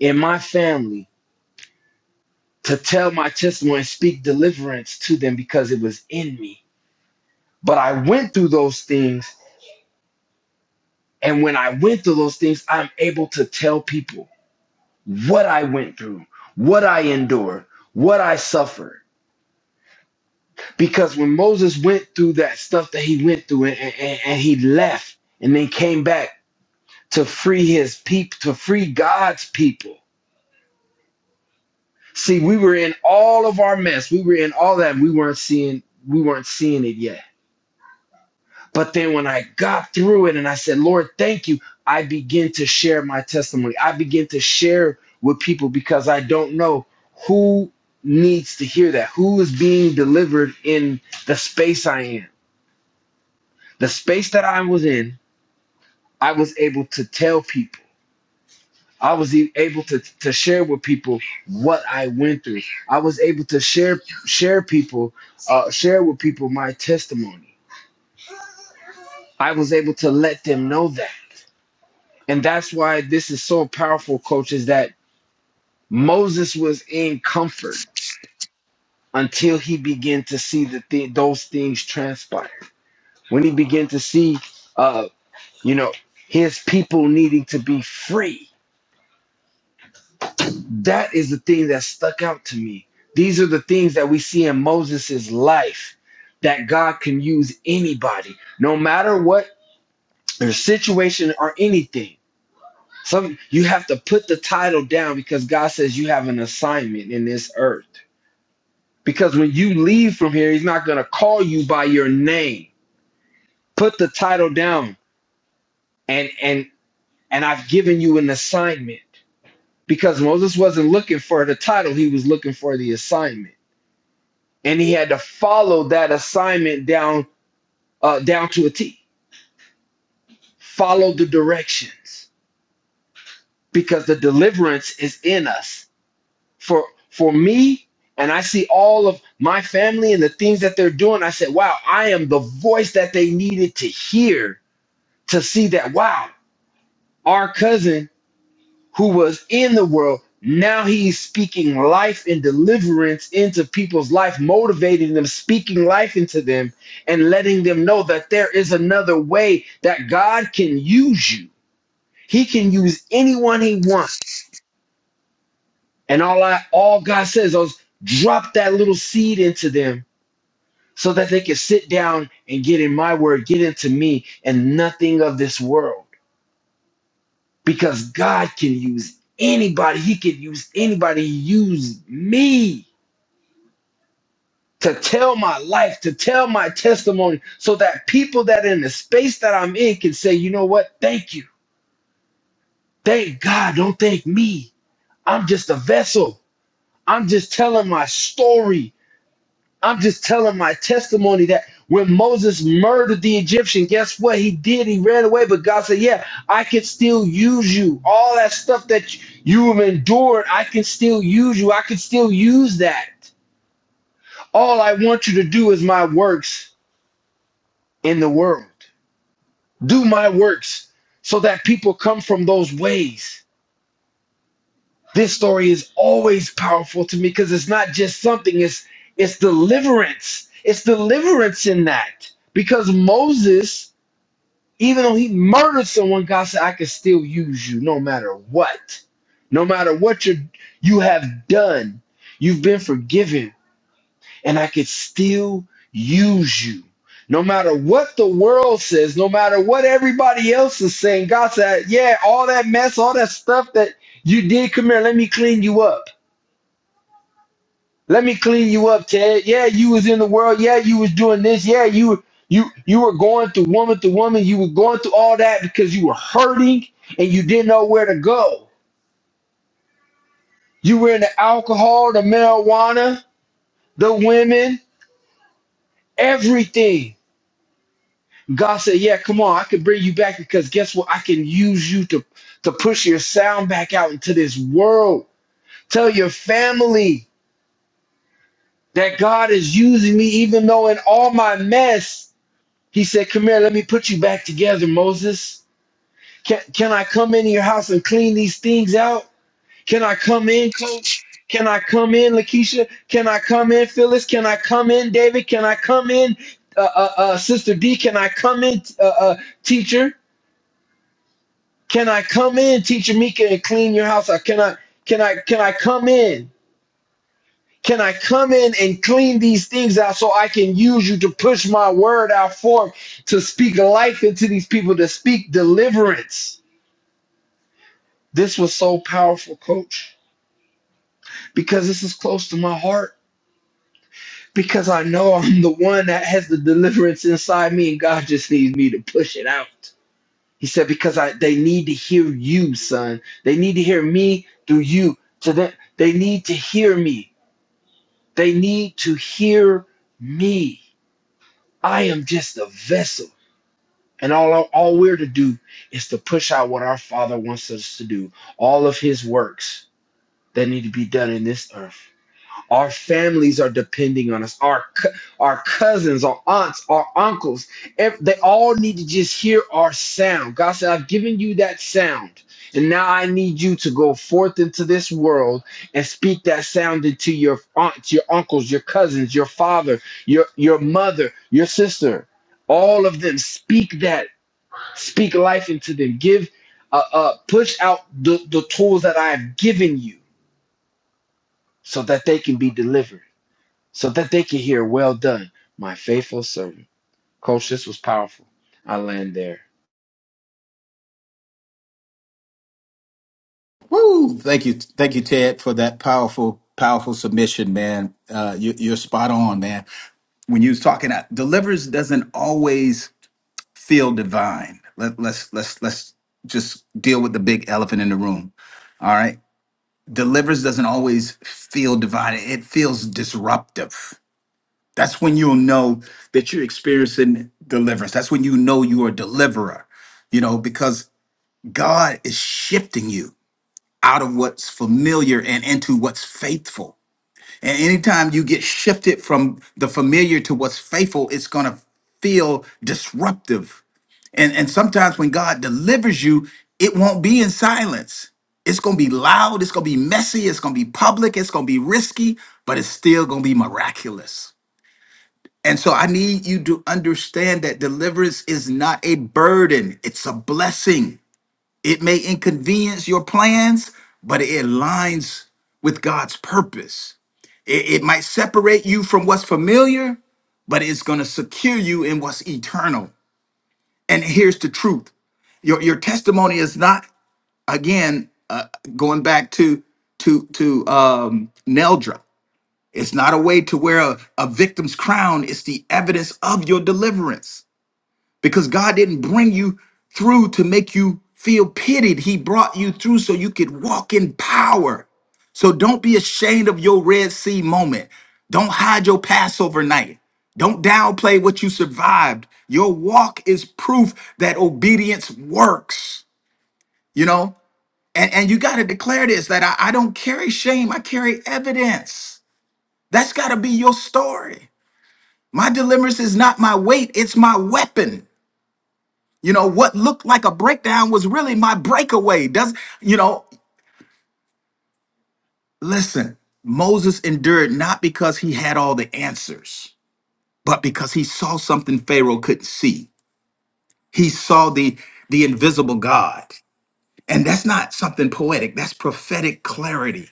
E: in my family to tell my testimony and speak deliverance to them because it was in me. But I went through those things. And when I went through those things, I'm able to tell people what I went through, what I endured, what I suffered. Because when Moses went through that stuff that he went through and, and, and he left and then came back to free his people, to free God's people See, we were in all of our mess. We were in all that. And we weren't seeing we weren't seeing it yet. But then when I got through it and I said, "Lord, thank you." I begin to share my testimony. I begin to share with people because I don't know who needs to hear that. Who is being delivered in the space I am. The space that I was in, I was able to tell people I was e- able to to share with people what I went through. I was able to share share people uh, share with people my testimony. I was able to let them know that, and that's why this is so powerful, coach. Is that Moses was in comfort until he began to see the thi- those things transpire. When he began to see, uh, you know, his people needing to be free That is the thing that stuck out to me. These are the things that we see in Moses' life that God can use anybody, no matter what their situation or anything. Some you have to put the title down because God says you have an assignment in this earth. Because when you leave from here, he's not gonna call you by your name. Put the title down and and and I've given you an assignment. Because Moses wasn't looking for the title, he was looking for the assignment. and he had to follow that assignment down uh, down to a T. Follow the directions because the deliverance is in us. For for me, and I see all of my family and the things that they're doing. I said, "Wow, I am the voice that they needed to hear to see that. Wow, our cousin." who was in the world. Now he's speaking life and deliverance into people's life, motivating them, speaking life into them, and letting them know that there is another way that God can use you. He can use anyone he wants. And all I all God says is drop that little seed into them so that they can sit down and get in my word, get into me, and nothing of this world. Because God can use anybody. He can use anybody. He used me to tell my life, to tell my testimony, so that people that in the space that I'm in can say, you know what? Thank you. Thank God. Don't thank me. I'm just a vessel. I'm just telling my story. I'm just telling my testimony that when Moses murdered the Egyptian, guess what he did? He ran away, but God said, Yeah, I can still use you. All that stuff that you have endured, I can still use you. I can still use that. All I want you to do is my works in the world. do my works so that people come from those ways this story is always powerful to me because it's not just something it's it's deliverance it's deliverance in that because moses even though he murdered someone god said i can still use you no matter what no matter what you you have done you've been forgiven and I could still use you. No matter what the world says, no matter what everybody else is saying, God said, Yeah, all that mess, all that stuff that you did, come here, let me clean you up. Let me clean you up, Ted. Yeah, you was in the world. Yeah, you was doing this. Yeah, you you you were going through woman to woman. You were going through all that because you were hurting and you didn't know where to go. You were in the alcohol, the marijuana, the women, everything God said, "Yeah, come on, I can bring you back because guess what? I can use you to to push your sound back out into this world. Tell your family that God is using me, even though in all my mess, He said, "Come here, let me put you back together, Moses. Can can I come into your house and clean these things out? Can I come in, Coach?" Can I come in, Lakeisha? Can I come in, Phyllis? Can I come in, David? Can I come in, uh, uh, uh, Sister D? Can I come in, uh, uh, teacher? Can I come in, teacher Mika, and clean your house? Or can I can I can I come in? Can I come in and clean these things out so I can use you to push my word out forth to speak life into these people, to speak deliverance? This was so powerful, coach, because this is close to my heart. Because I know I'm the one that has the deliverance inside me, and God just needs me to push it out. He said, because I they need to hear you, son. They need to hear me through you. So that they need to hear me. They need to hear me. I am just a vessel. And all, all we're to do is to push out what our Father wants us to do. All of his works that need to be done in this earth. Our families are depending on us. Our cou- our cousins, our aunts, our uncles, ev- they all need to just hear our sound. God said, "I've given you that sound, and now I need you to go forth into this world and speak that sound into your aunts, your uncles, your cousins, your father, your your mother, your sister. All of them speak that. Speak life into them. Give, uh, uh, push out the the tools that I have given you, so that they can be delivered." so that they could hear, Well done, my faithful servant. Coach, this was powerful. I land there.
A: Woo! Thank you, thank you, Ted, for that powerful, powerful submission, man. Uh, you, you're spot on, man. When you was talking, I, deliverance doesn't always feel divine. Let, let's let's let's just deal with the big elephant in the room. All right, deliverance doesn't always feel divine. It feels disruptive. That's when you'll know that you're experiencing deliverance. That's when you know you're a deliverer. You know because God is shifting you. out of what's familiar and into what's faithful. And anytime you get shifted from the familiar to what's faithful, it's going to feel disruptive. And, and sometimes when God delivers you, it won't be in silence. It's going to be loud, it's going to be messy, it's going to be public, it's going to be risky, but it's still going to be miraculous. And so I need you to understand that deliverance is not a burden, it's a blessing. It may inconvenience your plans, but it aligns with God's purpose. It, it might separate you from what's familiar, but it's going to secure you in what's eternal. And here's the truth your your testimony is not again uh, going back to to to um Neldra. It's not a way to wear a, a victim's crown. It's the evidence of your deliverance because God didn't bring you through to make you feel pitied. He brought you through so you could walk in power. So don't be ashamed of your Red Sea moment. Don't hide your Passover night. Don't downplay what you survived. Your walk is proof that obedience works, you know? And, and you got to declare this that I I don't carry shame, I carry evidence. That's got to be your story. My deliverance is not my weight, it's my weapon. You know, what looked like a breakdown was really my breakaway. Does you know, listen, Moses endured not because he had all the answers, but because he saw something Pharaoh couldn't see. He saw the the invisible God. And that's not something poetic, that's prophetic clarity.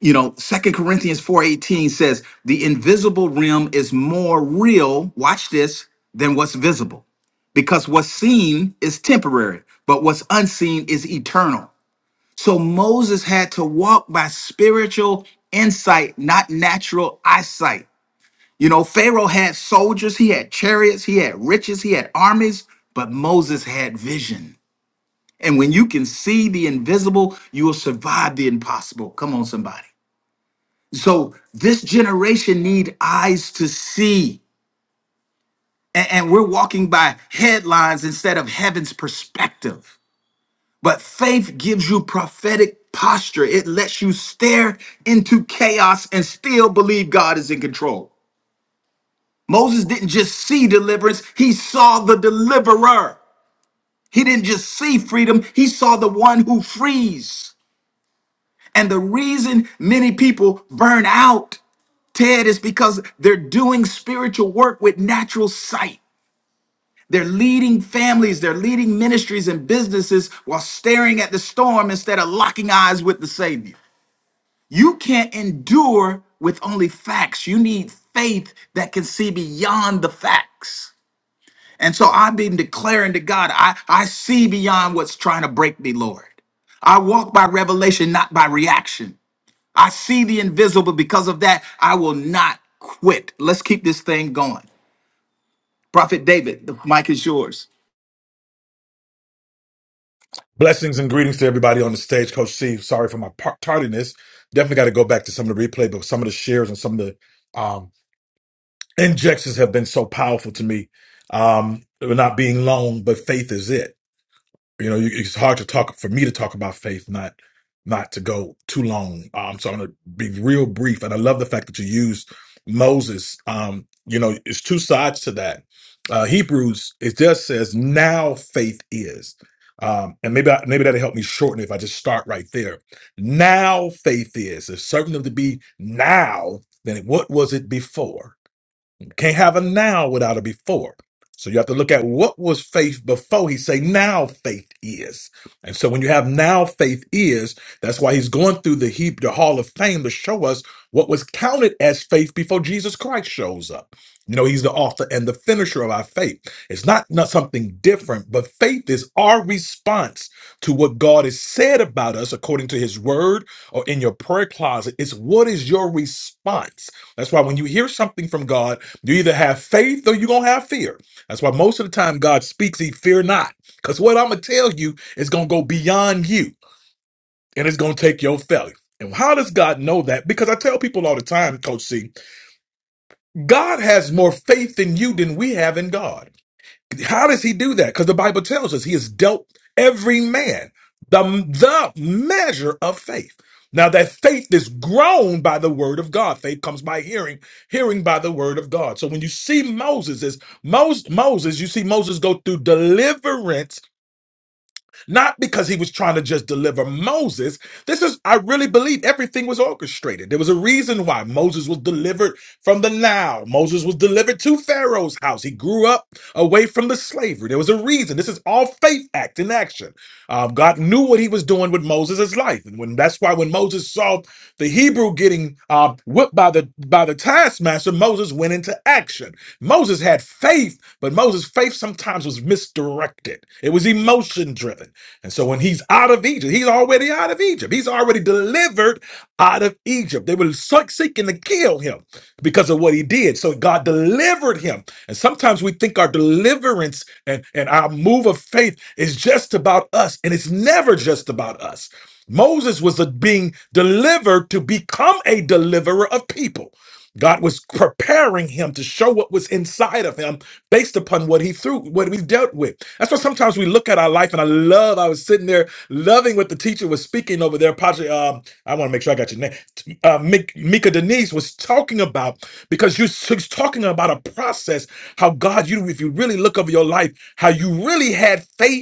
A: You know, Second Corinthians 4:18 says, "The invisible realm is more real, watch this, than what's visible." because what's seen is temporary, but what's unseen is eternal. So Moses had to walk by spiritual insight, not natural eyesight. You know, Pharaoh had soldiers, he had chariots, he had riches, he had armies, but Moses had vision. And when you can see the invisible, you will survive the impossible. Come on, somebody. So this generation need eyes to see. A- And we're walking by headlines instead of heaven's perspective. But faith gives you prophetic posture. It lets you stare into chaos and still believe God is in control. Moses didn't just see deliverance, he saw the deliverer. He didn't just see freedom, he saw the one who frees. And the reason many people burn out, Ted, is because they're doing spiritual work with natural sight. They're leading families, they're leading ministries and businesses while staring at the storm instead of locking eyes with the Savior. You can't endure with only facts. You need faith that can see beyond the facts. And so I've been declaring to God, I, I see beyond what's trying to break me, Lord. I walk by revelation, not by reaction. I see the invisible. Because of that, I will not quit. Let's keep this thing going. Prophet David, the mic is yours.
I: Blessings and greetings to everybody on the stage, Coach C. Sorry for my par- tardiness. Definitely got to go back to some of the replay, but some of the shares and some of the um, injections have been so powerful to me. Um, they're not being long, but faith is it. You know, you, it's hard to talk for me to talk about faith, not not to go too long. Um, so I'm going to be real brief, and I love the fact that you use Moses. Um, you know, it's two sides to that. Uh, Hebrews it just says now faith is, um, and maybe I, maybe that'll help me shorten it if I just start right there. Now faith is. It's certain of to be now Then what was it before. Can't have a now without a before. So you have to look at what was faith before he say now faith is. And so when you have now faith is, that's why he's going through the heap, the hall of fame to show us what was counted as faith before Jesus Christ shows up. You know, he's the author and the finisher of our faith. It's not, not something different, but faith is our response to what God has said about us according to his word or in your prayer closet. It's what is your response? That's why when you hear something from God, you either have faith or you're going to have fear. That's why most of the time God speaks, he fear not. Because what I'm going to tell you is going to go beyond you and it's going to take your failure. And how does God know that? Because I tell people all the time, Coach C, God has more faith in you than we have in God. How does he do that? Because the Bible tells us he has dealt every man the, the measure of faith. Now that faith is grown by the word of God. Faith comes by hearing, hearing by the word of God. So when you see Moses, as Mos- Moses, you see Moses go through deliverance not because he was trying to just deliver Moses. This is, I really believe everything was orchestrated. There was a reason why Moses was delivered from the Nile. Moses was delivered to Pharaoh's house. He grew up away from the slavery. There was a reason. This is all faith act in action. Um, God knew what he was doing with Moses' life. And when that's why when Moses saw the Hebrew getting uh, whipped by the by the taskmaster, Moses went into action. Moses had faith, but Moses' faith sometimes was misdirected. It was emotion driven. And so when he's out of Egypt, he's already out of Egypt. He's already delivered out of Egypt. They were so- seeking to kill him because of what he did. So God delivered him. And sometimes we think our deliverance and, and our move of faith is just about us, and it's never just about us. Moses was a- being delivered to become a deliverer of people. God was preparing him to show what was inside of him based upon what he threw, what we dealt with. That's why sometimes we look at our life, and I love. I was sitting there loving what the teacher was speaking over there. Patrick, um, I want to make sure I got your name. T- Uh, Mik- Mika Denise was talking about because you she's talking about a process. How God, you if you really look over your life, how you really had faith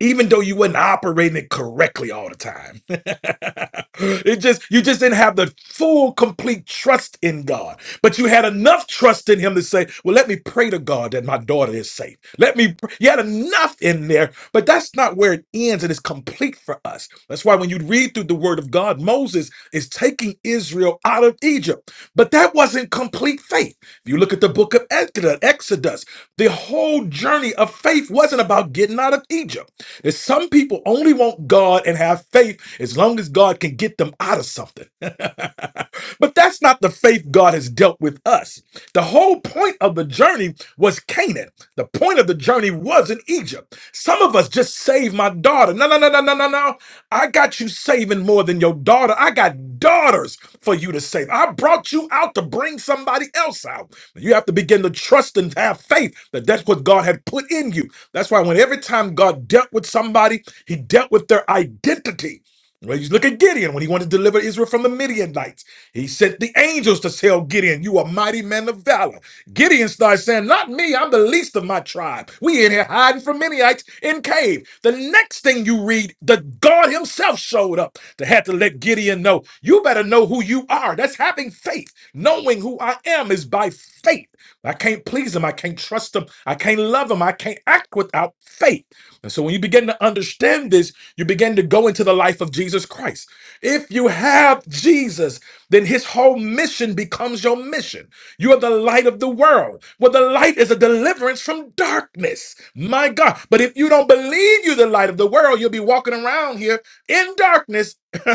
I: even though you wasn't operating it correctly all the time. it just you just didn't have the full complete trust in God. But you had enough trust in him to say, Well, let me pray to God that my daughter is safe. Let me pr-" you had enough in there, but that's not where it ends. and It is complete for us. That's why when you read through the word of God, Moses is taking Israel out of Egypt. But that wasn't complete faith. If you look at the book of Exodus, Exodus, the whole journey of faith wasn't about getting out of Egypt. There's some people only want God and have faith as long as God can get them out of something. but that's not the faith God has dealt with us. The whole point of the journey was Canaan. The point of the journey wasn't Egypt. Some of us just saved my daughter. No, no, no, no, no, no, no. I got you saving more than your daughter. I got daughters for you to save. I brought you out to bring somebody else out. You have to begin to trust and have faith that that's what God had put in you. That's why when every time God dealt with somebody, he dealt with their identity. Well, you look at Gideon when he wanted to deliver Israel from the Midianites. He sent the angels to tell Gideon, You are mighty man of valor. Gideon starts saying, Not me, I'm the least of my tribe. We in here hiding from Midianites in cave. The next thing you read, the God himself showed up to have to let Gideon know, You better know who you are. That's having faith. Knowing who I am is by faith. I can't please him. I can't trust him. I can't love him. I can't act without faith. And so when you begin to understand this, you begin to go into the life of Jesus Christ. If you have Jesus, then his whole mission becomes your mission. You are the light of the world. Well, the light is a deliverance from darkness. My God. But if you don't believe you're the light of the world, you'll be walking around here in darkness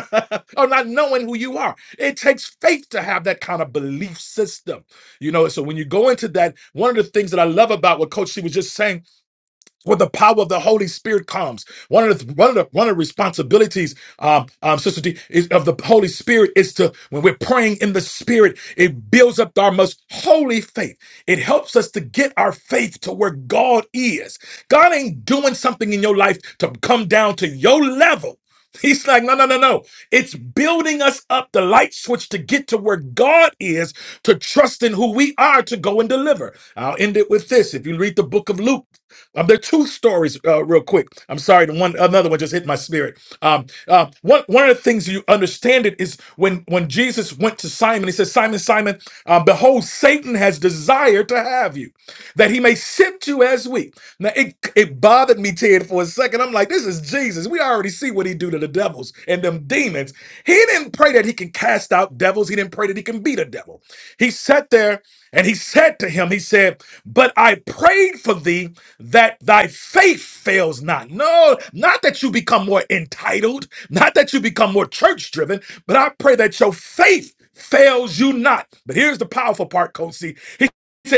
I: or not knowing who you are. It takes faith to have that kind of belief system. You know, so when you go into that, one of the things that I love about what Coach C was just saying where the power of the Holy Spirit comes. One of the one of the one of the responsibilities, um, um, Sister D, is of the Holy Spirit is to when we're praying in the Spirit, it builds up our most holy faith. It helps us to get our faith to where God is. God ain't doing something in your life to come down to your level. He's like, no, no, no, no. It's building us up the light switch to get to where God is, to trust in who we are to go and deliver. I'll end it with this. If you read the book of Luke, um, there are two stories, uh, real quick. I'm sorry, the one another one just hit my spirit. Um, uh, one one of the things you understand it is when when Jesus went to Simon, he said, Simon, Simon, uh, behold, Satan has desired to have you that he may sift you as wheat. Now it it bothered me, Ted, for a second. I'm like, this is Jesus. We already see what he do to the devils and them demons. He didn't pray that he can cast out devils. He didn't pray that he can beat a devil. He sat there and he said to him, he said, But I prayed for thee that thy faith fails not. No, not that you become more entitled, not that you become more church driven, but I pray that your faith fails you not. But here's the powerful part, Coach C. He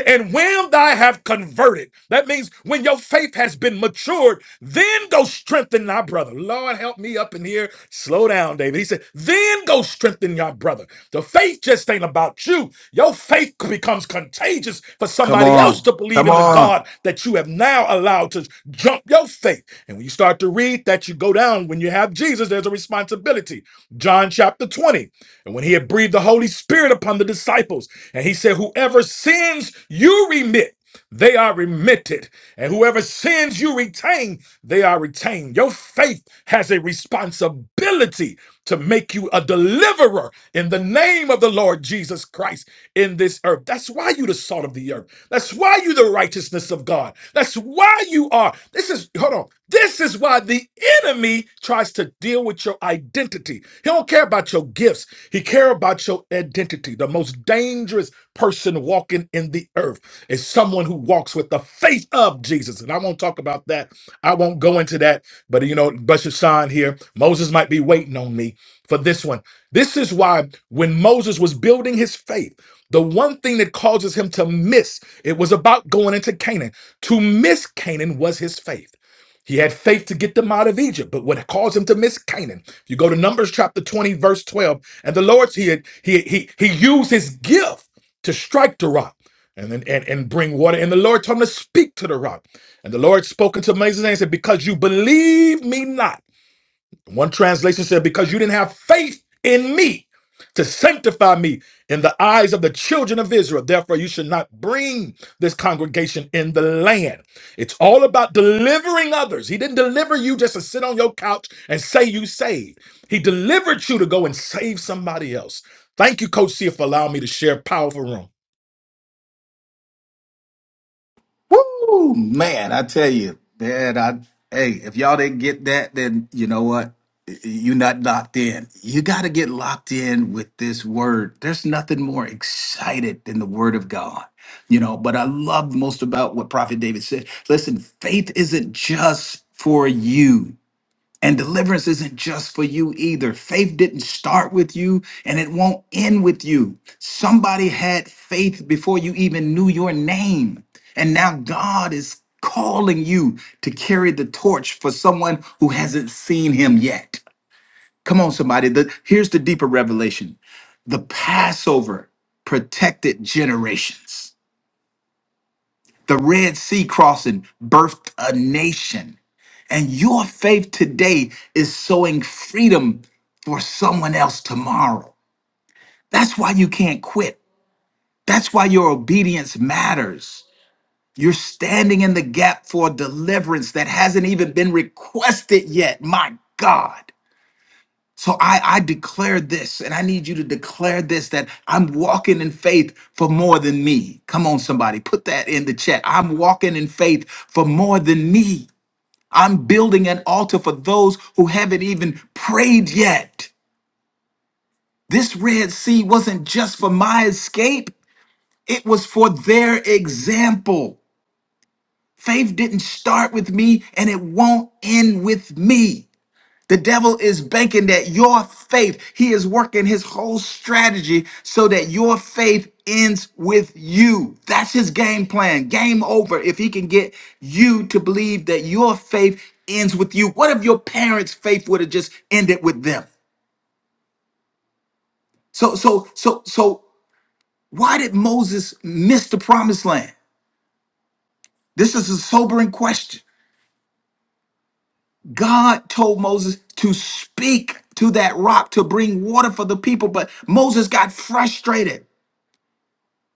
I: and when thy have converted, that means when your faith has been matured, then go strengthen thy brother. Lord, help me up in here. Slow down, David. He said, then go strengthen your brother. The faith just ain't about you. Your faith becomes contagious for
A: Come
I: somebody else
A: on.
I: to believe
A: Come
I: in the
A: on.
I: God that you have now allowed to jump your faith. And when you start to read that, you go down. When you have Jesus, there's a responsibility. John chapter 20. And when he had breathed the Holy Spirit upon the disciples, and he said, Whoever sins you remit, they are remitted. And whoever sins you retain, they are retained. Your faith has a responsibility to make you a deliverer in the name of the Lord Jesus Christ in this earth. That's why you the salt of the earth. That's why you the righteousness of God. That's why you are. This is hold on. This is why the enemy tries to deal with your identity. He don't care about your gifts purpose. He cares about your identity. The most dangerous person walking in the earth is someone who walks with the faith of Jesus. And I won't talk about that. I won't go into that. But you know, Bishop Sean here, Moses might be waiting on me for this one. This is why when Moses was building his faith, the one thing that causes him to miss, it was about going into Canaan. To miss Canaan was his faith. He had faith to get them out of Egypt, but what caused him to miss Canaan? You go to Numbers chapter 20, verse 12, and the Lord he had, he he he used his gift to strike the rock and then and, and bring water. And the Lord told him to speak to the rock. And the Lord spoke unto Moses and said, Because you believe me not. One translation said, Because you didn't have faith in me to sanctify me in the eyes of the children of Israel. Therefore, you should not bring this congregation in the land. It's all about delivering others. He didn't deliver you just to sit on your couch and say you saved. He delivered you to go and save somebody else. Thank you, Coach C, for allowing me to share powerful room.
A: Woo, man! I tell you, man. I hey, if y'all didn't get that, then you know what? You're not locked in. You got to get locked in with this word. There's nothing more excited than the word of God. You know, but I love most about what Prophet David said. Listen, faith isn't just for you. And deliverance isn't just for you either. Faith didn't start with you and it won't end with you. Somebody had faith before you even knew your name. And now God is calling you to carry the torch for someone who hasn't seen him yet. Come on, somebody. The- here's the deeper revelation the Passover protected generations, the Red Sea crossing birthed a nation. And your faith today is sowing freedom for someone else tomorrow. That's why you can't quit. That's why your obedience matters. You're standing in the gap for deliverance that hasn't even been requested yet. My God. So I, I declare this, and I need you to declare this that I'm walking in faith for more than me. Come on, somebody, put that in the chat. I'm walking in faith for more than me. I'm building an altar for those who haven't even prayed yet. This Red Sea wasn't just for my escape, it was for their example. Faith didn't start with me and it won't end with me. The devil is banking that your faith, he is working his whole strategy so that your faith ends with you. That's his game plan. Game over if he can get you to believe that your faith ends with you. What if your parents' faith would have just ended with them? So, so, so, so, why did Moses miss the promised land? This is a sobering question. God told Moses to speak to that rock to bring water for the people, but Moses got frustrated.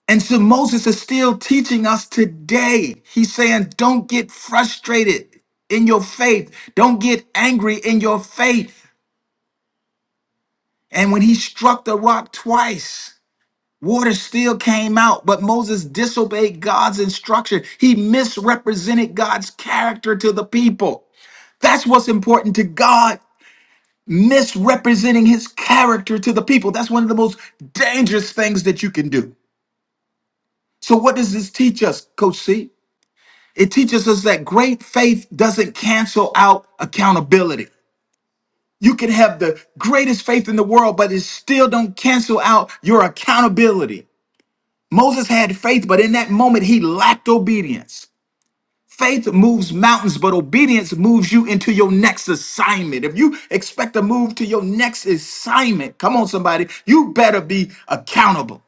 A: And so Moses is still teaching us today. He's saying, don't get frustrated in your faith. Don't get angry in your faith. And when he struck the rock twice, water still came out, but Moses disobeyed God's instruction. He misrepresented God's character to the people. That's what's important to God, misrepresenting his character to the people. That's one of the most dangerous things that you can do. So, what does this teach us, Coach C? It teaches us that great faith doesn't cancel out accountability. You can have the greatest faith in the world, but it still don't cancel out your accountability. Moses had faith, but in that moment he lacked obedience. Faith moves mountains, but obedience moves you into your next assignment. If you expect to move to your next assignment, come on, somebody, you better be accountable.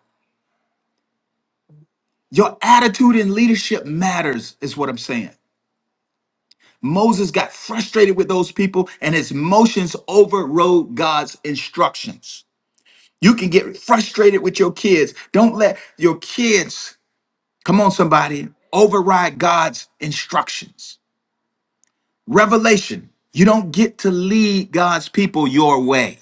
A: Your attitude in leadership matters, is what I'm saying. Moses got frustrated with those people and his emotions overrode God's instructions. You can get frustrated with your kids. Don't let your kids, come on, somebody, override God's instructions. Revelation, you don't get to lead God's people your way.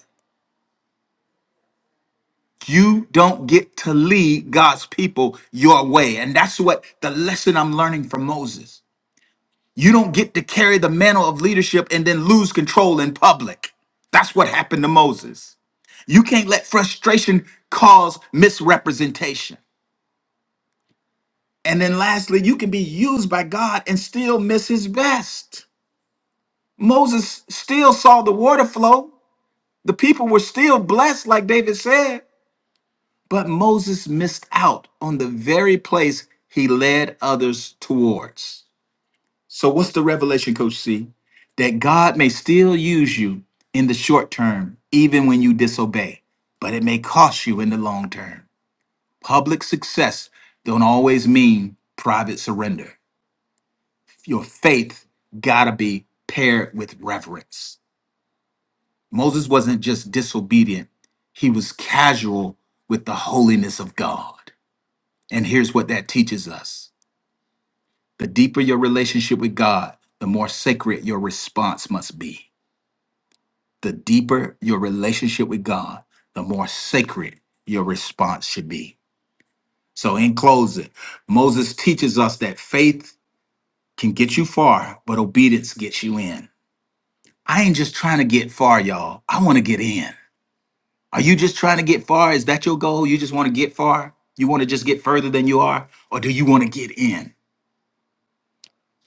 A: You don't get to lead God's people your way. And that's what the lesson I'm learning from Moses. You don't get to carry the mantle of leadership and then lose control in public. That's what happened to Moses. You can't let frustration cause misrepresentation. And then lastly, you can be used by God and still miss his best. Moses still saw the water flow. The people were still blessed, like David said. But Moses missed out on the very place he led others towards. So, what's the revelation, Coach C? That God may still use you in the short term, even when you disobey, but it may cost you in the long term. Public success don't always mean private surrender. Your faith gotta be paired with reverence. Moses wasn't just disobedient, he was casual with the holiness of God. And here's what that teaches us the deeper your relationship with God, the more sacred your response must be. the deeper your relationship with God, the more sacred your response should be. So, in closing, Moses teaches us that faith can get you far, but obedience gets you in. I ain't just trying to get far, y'all. I want to get in. Are you just trying to get far? Is that your goal? You just want to get far? You want to just get further than you are? Or do you want to get in?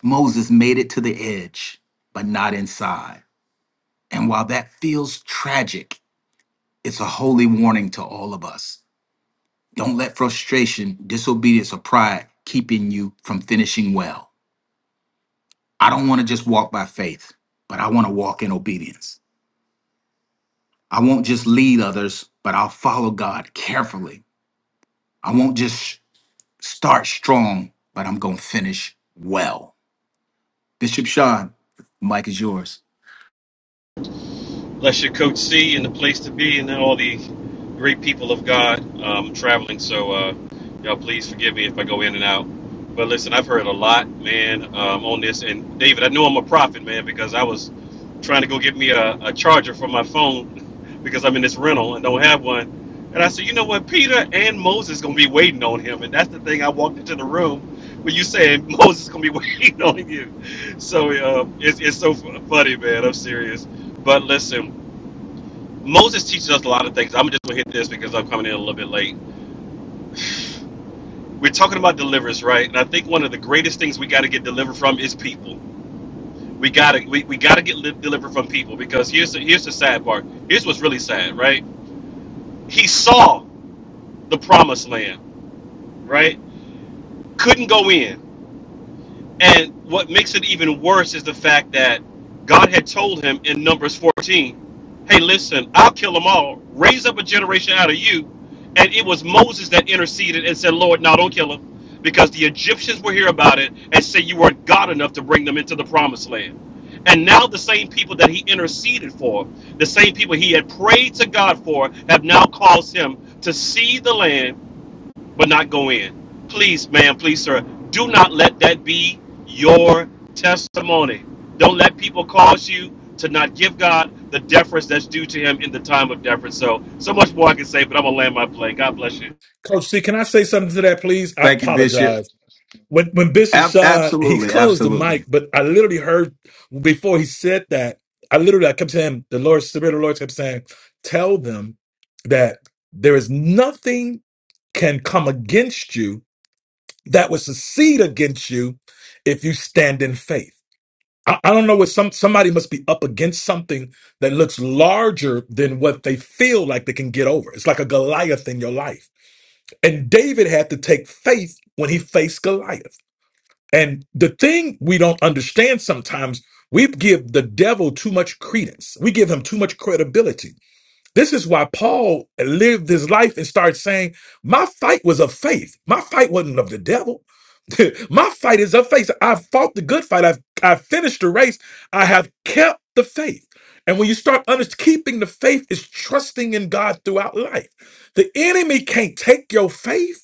A: Moses made it to the edge, but not inside. And while that feels tragic, it's a holy warning to all of us. Don't let frustration, disobedience, or pride keeping you from finishing well. I don't want to just walk by faith, but I want to walk in obedience. I won't just lead others, but I'll follow God carefully. I won't just start strong, but I'm going to finish well. Bishop Sean, Mike is yours.
J: Bless you, Coach C, and the place to be, and all the great people of God um, traveling. So, uh, y'all, please forgive me if I go in and out. But listen, I've heard a lot, man, um, on this. And David, I know I'm a prophet, man, because I was trying to go get me a, a charger for my phone because I'm in this rental and don't have one. And I said, you know what, Peter and Moses gonna be waiting on him, and that's the thing. I walked into the room when you said Moses gonna be waiting on you. So uh, it's it's so funny, man. I'm serious. But listen. Moses teaches us a lot of things. I'm just gonna hit this because I'm coming in a little bit late. We're talking about deliverance, right? And I think one of the greatest things we got to get delivered from is people. We gotta we, we gotta get li- delivered from people because here's the here's the sad part. Here's what's really sad, right? He saw the promised land, right? Couldn't go in And what makes it even worse is the fact that God had told him in Numbers 14, hey, listen, I'll kill them all, raise up a generation out of you. And it was Moses that interceded and said, Lord, no, don't kill them. Because the Egyptians will hear about it and say you weren't God enough to bring them into the promised land. And now the same people that he interceded for, the same people he had prayed to God for, have now caused him to see the land but not go in. Please, ma'am, please, sir, do not let that be your testimony. Don't let people cause you to not give God the deference that's due to him in the time of deference. So, so much more I can say, but I'm going to land my plane. God bless you.
I: Coach C, can I say something to that, please? I
A: Thank you, Bishop.
I: apologize. when when Bishop
A: Ab-
I: Sean he
A: absolutely,
I: closed the
A: absolutely.
I: mic, but I literally heard before he said that, I literally I kept saying the Lord Spirit of the Lord kept saying, Tell them that there is nothing can come against you that would succeed against you if you stand in faith. I, I don't know what some somebody must be up against something that looks larger than what they feel like they can get over. It's like a Goliath in your life. And David had to take faith when he faced Goliath. And the thing we don't understand sometimes, we give the devil too much credence. We give him too much credibility. This is why Paul lived his life and started saying, My fight was of faith. My fight wasn't of the devil. My fight is of faith. I've fought the good fight. I've, I've finished the race. I have kept the faith. And when you start under- keeping the faith, is trusting in God throughout life. The enemy can't take your faith.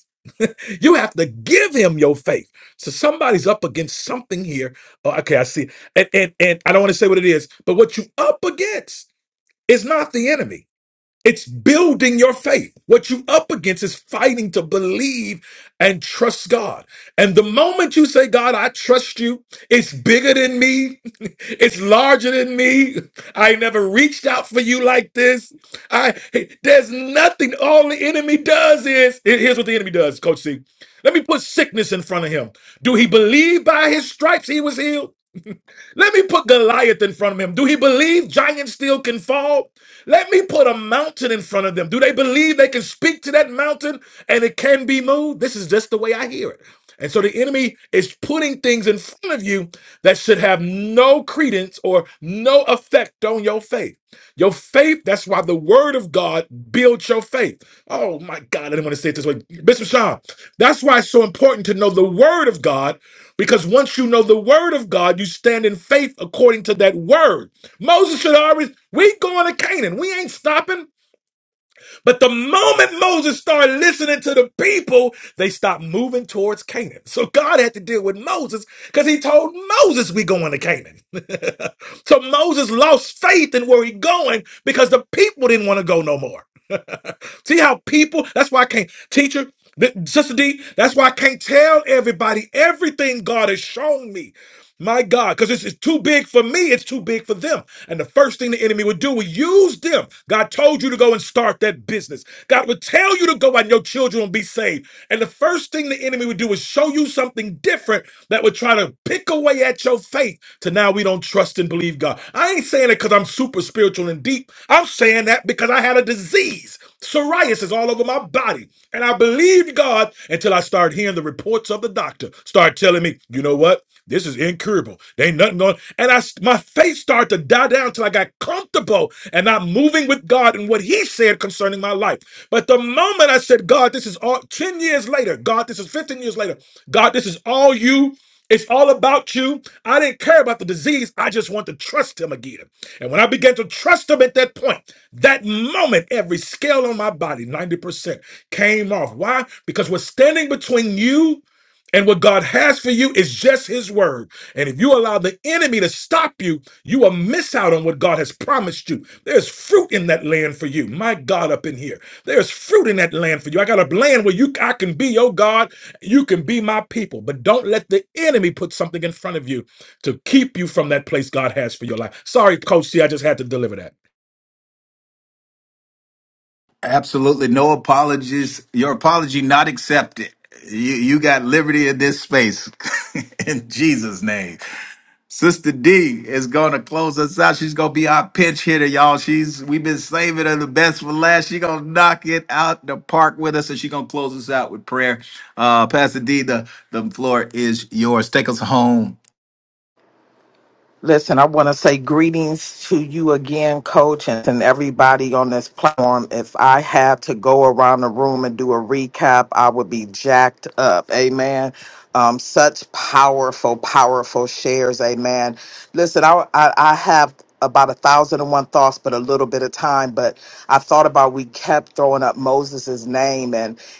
I: You have to give him your faith. So somebody's up against something here. Oh, okay, I see. And, and and I don't want to say what it is, but what you up against is not the enemy. It's building your faith. What you up against is fighting to believe and trust God. And the moment you say, God, I trust you, it's bigger than me. It's larger than me. I never reached out for you like this. I there's nothing. All the enemy does is here- here's what the enemy does, Coach C. Let me put sickness in front of him. Do he believe by his stripes he was healed? Let me put Goliath in front of him. Do he believe giants still can fall? Let me put a mountain in front of them. Do they believe they can speak to that mountain and it can be moved? This is just the way I hear it. And so the enemy is putting things in front of you that should have no credence or no effect on your faith. Your faith, that's why the word of God builds your faith. Oh my God, I didn't want to say it this way. Bishop Sean, that's why it's so important to know the word of God because once you know the word of God, you stand in faith according to that word. Moses should already, we going to Canaan. We ain't stopping. But the moment Moses started listening to the people, they stopped moving towards Canaan. So God had to deal with Moses because he told Moses we going to Canaan. so Moses lost faith in where he going because the people didn't want to go no more. See how people, that's why I can't, teacher, th- Sister D, that's why I can't tell everybody everything God has shown me. My God, because it's, it's too big for me, it's too big for them. And the first thing the enemy would do would use them. God told you to go and start that business. God would tell you to go and your children will be saved. And the first thing the enemy would do is show you something different that would try to pick away at your faith to now we don't trust and believe God. I ain't saying it because I'm super spiritual and deep. I'm saying that because I had a disease. Psoriasis all over my body. And I believed God until I started hearing the reports of the doctor start telling me, you know what? This is incurable. There ain't nothing going. And I, my faith started to die down until I got comfortable and not moving with God and what He said concerning my life. But the moment I said, God, this is all 10 years later, God, this is 15 years later, God, this is all you. It's all about you. I didn't care about the disease. I just want to trust him again. And when I began to trust him at that point, that moment, every scale on my body, 90%, came off. Why? Because what's standing between you and what God has for you is just his word. And if you allow the enemy to stop you, you will miss out on what God has promised you. There's fruit in that land for you. My God, up in here. There's fruit in that land for you. I got a land where you I can be your God you can be my people, but don't let the enemy put something in front of you to keep you from that place God has for your life. Sorry, Coach C, I just had to deliver that.
A: Absolutely no apologies. Your apology not accepted. You you got liberty in this space in Jesus' name. Sister D is gonna close us out. She's gonna be our pinch hitter, y'all. She's we've been saving her the best for last. She gonna knock it out the park with us, and she gonna close us out with prayer. Uh, Pastor D, the the floor is yours. Take us home.
B: Listen, I want to say greetings to you again, coach, and, and everybody on this platform. If I had to go around the room and do a recap, I would be jacked up. Amen. Um, such powerful, powerful shares. Amen. Listen, I, I, I have about a thousand and one thoughts, but a little bit of time. But I thought about we kept throwing up Moses's name,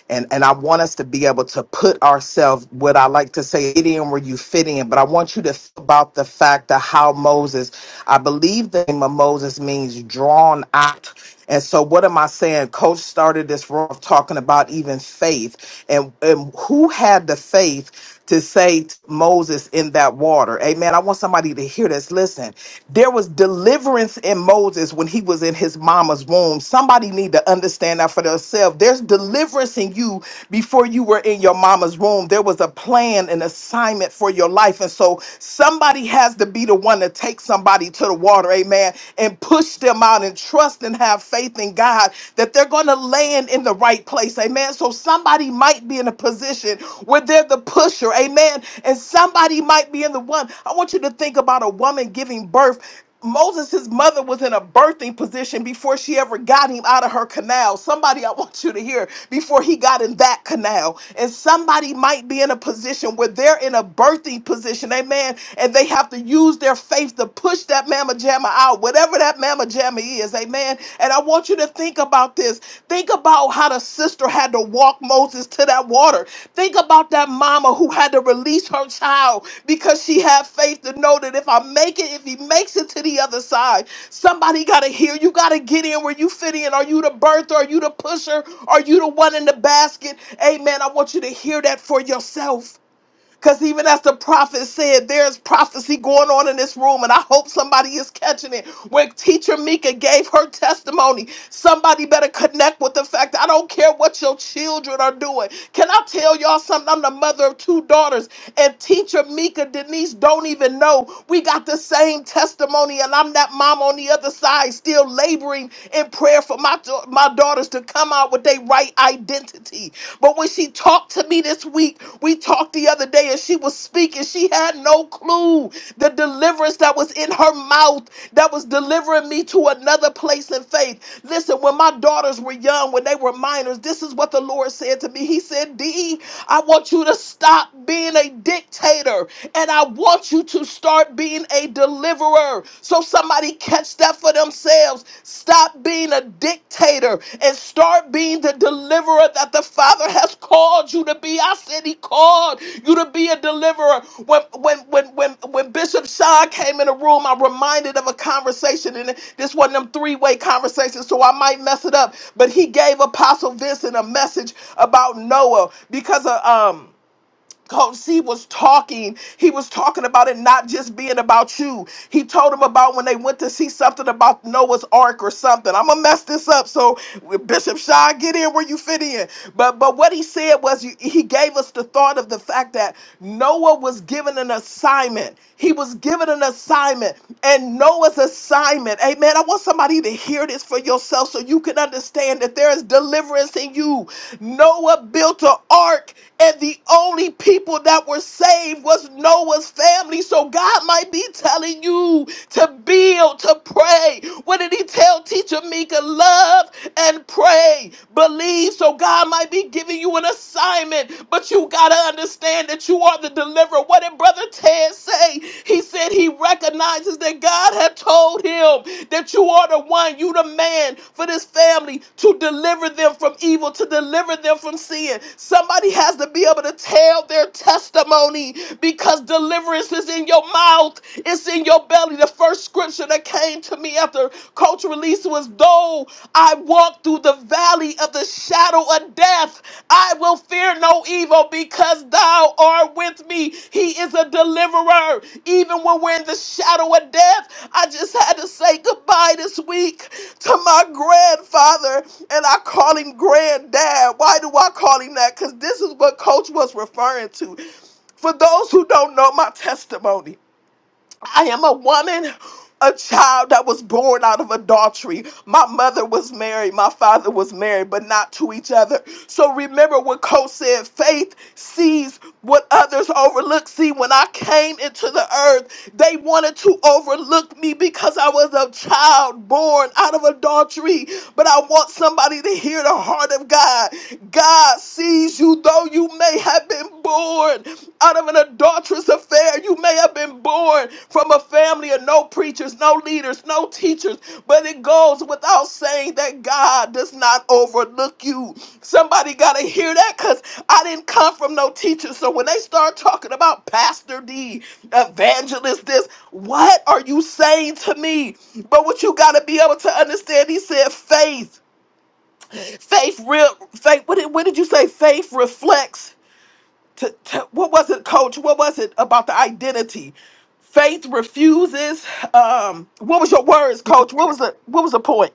B: and and I want us to be able to put ourselves what I like to say it in where you fit in. But I want you to think about the fact of how Moses. I believe the name of Moses means drawn out. And so, what am I saying? Coach started this room of talking about even faith, and and who had the faith to say to Moses in that water, "Amen." I want somebody to hear this. Listen, there was deliverance in Moses when he was in his mama's womb. Somebody need to understand that for themselves. There's deliverance in you before you were in your mama's womb. There was a plan, an assignment for your life. And so somebody has to be the one to take somebody body to the water, amen, and push them out and trust and have faith in God that they're going to land in the right place, amen. So somebody might be in a position where they're the pusher, amen, and somebody might be in the one. I want you to think about a woman giving birth Moses, his mother, was in a birthing position before she ever got him out of her canal. Somebody, I want you to hear, before he got in that canal. And somebody might be in a position where they're in a birthing position, amen, and they have to use their faith to push that mamma jamma out, whatever that mamma jamma is, amen. And I want you to think about this. Think about how the sister had to walk Moses to that water. Think about that mama who had to release her child because she had faith to know that if I make it, if he makes it to the other side, somebody got to hear. You got to get in where you fit in. Are you the birther? Are you the pusher? Are you the one in the basket? Amen. I want you to hear that for yourself. Because even as the prophet said, there's prophecy going on in this room, and I hope somebody is catching it. When teacher Mika gave her testimony, somebody better connect with the fact that I don't care what your children are doing. Can I tell y'all something? I'm the mother of two daughters, and teacher Mika Denise don't even know we got the same testimony, and I'm that mom on the other side still laboring in prayer for my, my daughters to come out with their right identity. But when she talked to me this week, we talked the other day and she was speaking. She had no clue the deliverance that was in her mouth that was delivering me to another place in faith. Listen, when my daughters were young, when they were minors, this is what the Lord said to me. He said, Dee, I want you to stop being a dictator and I want you to start being a deliverer serve. So somebody catch that for themselves. Stop being a dictator and start being the deliverer that the Father has called you to be. I said he called you to be a deliverer. When when when when when Bishop Sean came in the room, I'm reminded of a conversation, and this one of them three-way conversations, so I might mess it up. But he gave Apostle Vincent a message about Noah because of um because he was talking. He was talking about it not just being about you. He told him about when they went to see something about Noah's Ark or something. I'm gonna mess this up. So Bishop Sean, get in where you fit in. But but what he said was you- he gave us the thought of the fact that Noah was given an assignment. He was given an assignment, and Noah's assignment. Amen. I want somebody to hear this for yourself so you can understand that there is deliverance in you. Noah built an ark, and the only people that were saved was Noah's family. So God might be telling you to build, to pray. What did he tell teacher Mika? Love and pray, believe. So God might be giving you an assignment, but you got to understand that that you are the deliverer. What did Brother Ted say? He said he recognizes that God had told him that you are the one, you the man for this family to deliver them from evil, to deliver them from sin. Somebody has to be able to tell their testimony because deliverance is in your mouth, it's in your belly. The first scripture that came to me after Coach released this was though I walk through the valley of the shadow of death. I will fear no evil because thou art with me. He is a deliverer. Even when we're in the shadow of death, I just had to say goodbye this week to my grandfather, and I call him granddad. Why do I call him that? Because this is what Coach was referring to. For those who don't know my testimony, I am a woman, a child that was born out of adultery. My mother was married, my father was married, but not to each other. So remember what Cole said faith sees what others overlook. See, when I came into the earth, they wanted to overlook me because I was a child born out of adultery. But I want somebody to hear the heart of God. God sees you, though you may have been born out of an adulterous affair. You may have been born from a family of no preachers, no leaders, no teachers, but it goes without saying that God does not overlook you. Somebody got to hear that because I didn't come from no teacher. So when they start talking about Pastor D, evangelist, this, what are you saying to me? But what you got to be able to understand, he said faith. Faith, real, faith, what did, what did you say? Faith reflects to, to- what was it coach what was it about the identity faith refuses um what was your words
G: Your
B: coach what was the what was the point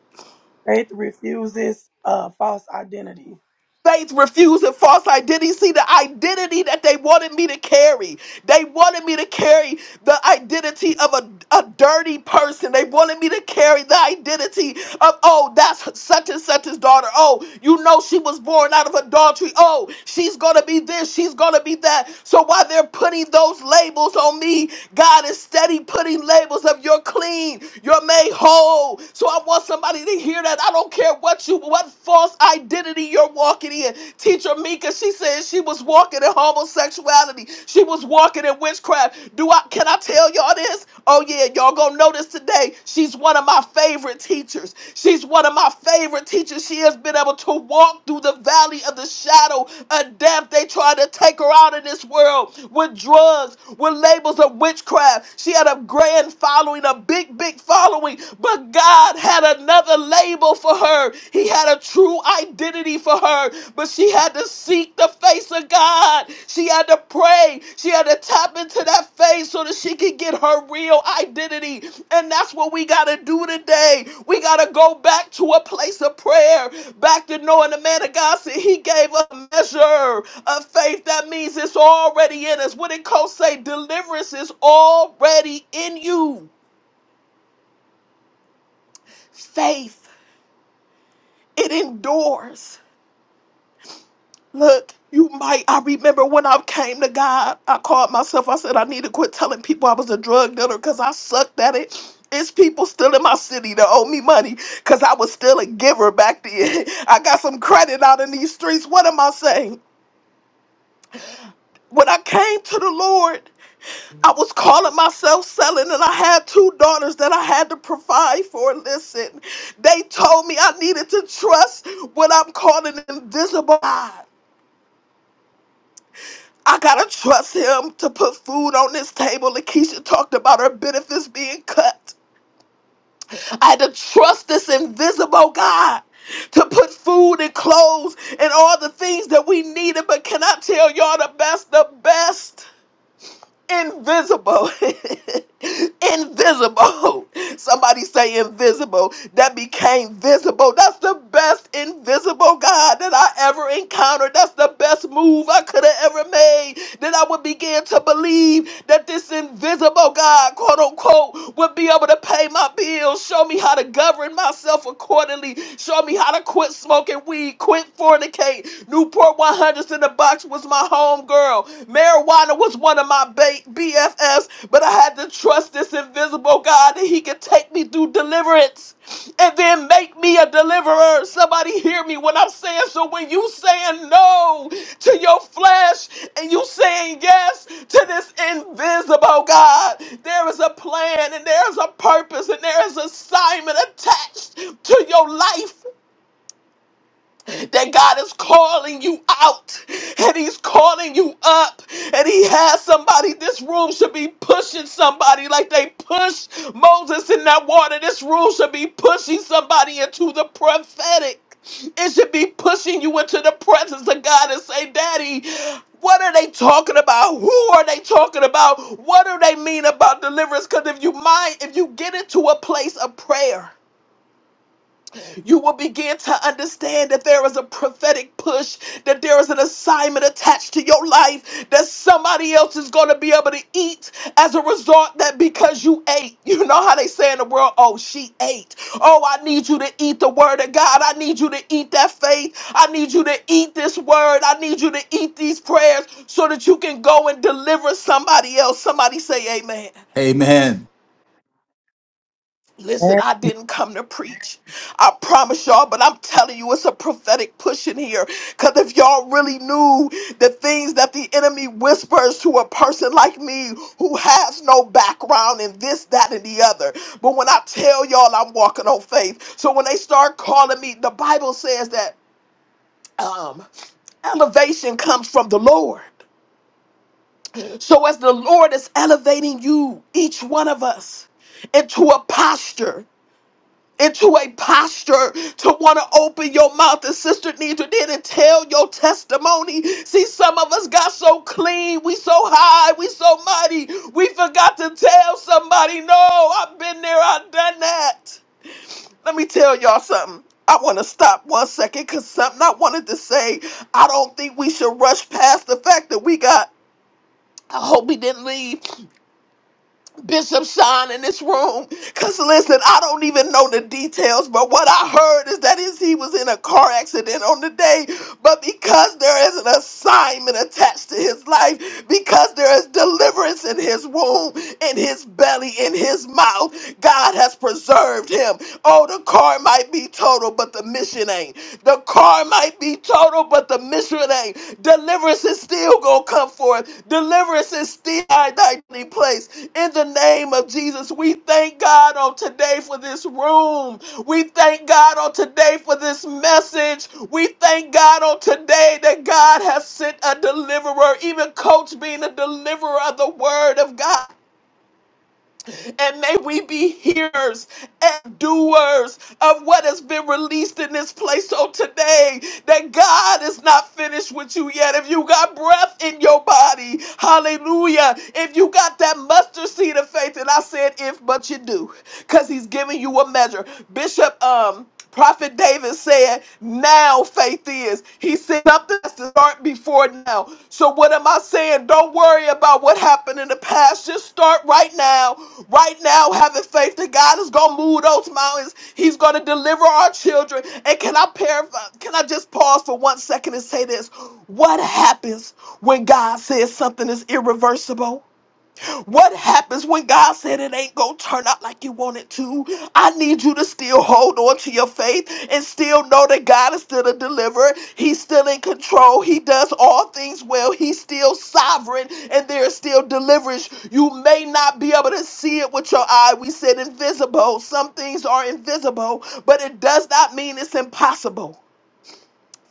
G: faith refuses uh, false identity.
B: Faith refusing false identity. See, the identity that they wanted me to carry. They wanted me to carry the identity of a, a dirty person. They wanted me to carry the identity of, oh, that's such and such his daughter. Oh, you know she was born out of adultery. Oh, she's going to be this. She's going to be that. So while they're putting those labels on me, God is steady putting labels of you're clean, you're made whole. So I want somebody to hear that. I don't care what what you what false identity you're walking in. Teacher Mika, she said she was walking in homosexuality. She was walking in witchcraft. Do I can I tell y'all this? Oh yeah, y'all gonna notice today. She's one of my favorite teachers. She's one of my favorite teachers. She has been able to walk through the valley of the shadow of death. They tried to take her out of this world with drugs, with labels of witchcraft. She had a grand following, a big, big following. But God God had another label for her. He had a true identity for her, but she had to seek the face of God. She had to pray. She had to tap into that face so that she could get her real identity. And that's what we got to do today. We got to go back to a place of prayer, back to knowing the man of God said he gave a measure of faith. That means it's already in us. What did Cole say? Deliverance is already in you. Faith. It endures. Look, you might. I remember when I came to God, I called myself. I said I need to quit telling people I was a drug dealer because I sucked at it. It's people still in my city that owe me money because I was still a giver back then. I got some credit out in these streets. What am I saying? When I came to the Lord, I was calling myself selling, and I had two daughters that I had to provide for. Listen, they told me I needed to trust what I'm calling invisible God. I gotta trust him to put food on this table. Lakeisha talked about her benefits being cut. I had to trust this invisible God to put food and clothes and all the things that we needed. But can I tell y'all the best, the best? invisible. invisible. Somebody say invisible. That became visible. That's the best invisible God that I ever encountered. That's the best move I could have ever made. That I would begin to believe that this invisible God, quote unquote, would be able to pay my bills, show me how to govern myself accordingly, show me how to quit smoking weed, quit fornicate, Newport 100 Smartest in the Box was my homegirl. Marijuana was one of my ba- BFFs, but I had to trust this invisible God that He could take me through deliverance and then make me a deliverer. Somebody hear me when I'm saying so. When you saying no to your flesh and you saying yes to this invisible God, there is a plan and there is a purpose and there is assignment attached to your life that God is calling you out and He's calling you up, and He has somebody. This room should be pushing somebody like they pushed Moses in that water. This room should be pushing somebody into the prophetic. It should be pushing you into the presence of God and say, Daddy, what are they talking about? Who are they talking about? What do they mean about deliverance? Because if you mind, if you get into a place of prayer, you will begin to understand that there is a prophetic push, that there is an assignment attached to your life, that somebody else is going to be able to eat as a result that because you ate. You know how they say in the world, oh, she ate. Oh, I need you to eat the word of God. I need you to eat that faith. I need you to eat this word. I need you to eat these prayers so that you can go and deliver somebody else. Somebody say amen.
A: Amen.
B: Listen,
G: Thank
B: I didn't come to preach. I promise y'all, but I'm telling you, it's a prophetic push in here. Because if y'all really knew the things that the enemy whispers to a person like me who has no background in this, that, and the other. But when I tell y'all, I'm walking on faith. So when they start calling me, the Bible says that um, elevation comes from the Lord. So as the Lord is elevating you, each one of us, into a posture. into a posture to want to open your mouth and sister Nidra did and tell your testimony. See, some of us got so clean, we so high, we so mighty, we forgot to tell somebody, no, I've been there, I've done that. Let me tell y'all something. I want to stop one second because something I wanted to say, I don't think we should rush past the fact that we got, I hope we didn't leave. Bishop Sean in this room. Cause listen, I don't even know the details, but what I heard is that is he was in a car accident on the day, but because there is an assignment attached to his life, because there is deliverance in his womb, in his belly, in his mouth, God has preserved him. Oh, the car might be total, but the mission ain't. The car harm might be total, but the mystery of deliverance is still gonna come forth. Deliverance is still our nightly place. In the name of Jesus, we thank God on today for this room. We thank God on today for this message. We thank God on today that God has sent a deliverer, even Coach being a deliverer of the word of God. And may we be hearers and doers of what has been released in this place. So today, that God is not finished with you yet. If you got breath in your body, hallelujah. If you got that mustard seed of faith, and I said if, but you do, because he's giving you a measure. Bishop, um, Prophet David said, Now faith is. He said, Something has to start before now. So, what am I saying? Don't worry about what happened in the past. Just start right now. Right now, having faith that God is going to move those mountains. He's going to deliver our children. And can I paraphr- Can I just pause for one second and say this? What happens when God says something is irreversible? What happens when God said it ain't gonna turn out like you want it to? I need you to still hold on to your faith and still know that God is still a deliverer. He's still in control. He does all things well. He's still sovereign and there is still deliverance. You may not be able to see it with your eye. We said invisible. Some things are invisible, but it does not mean it's impossible.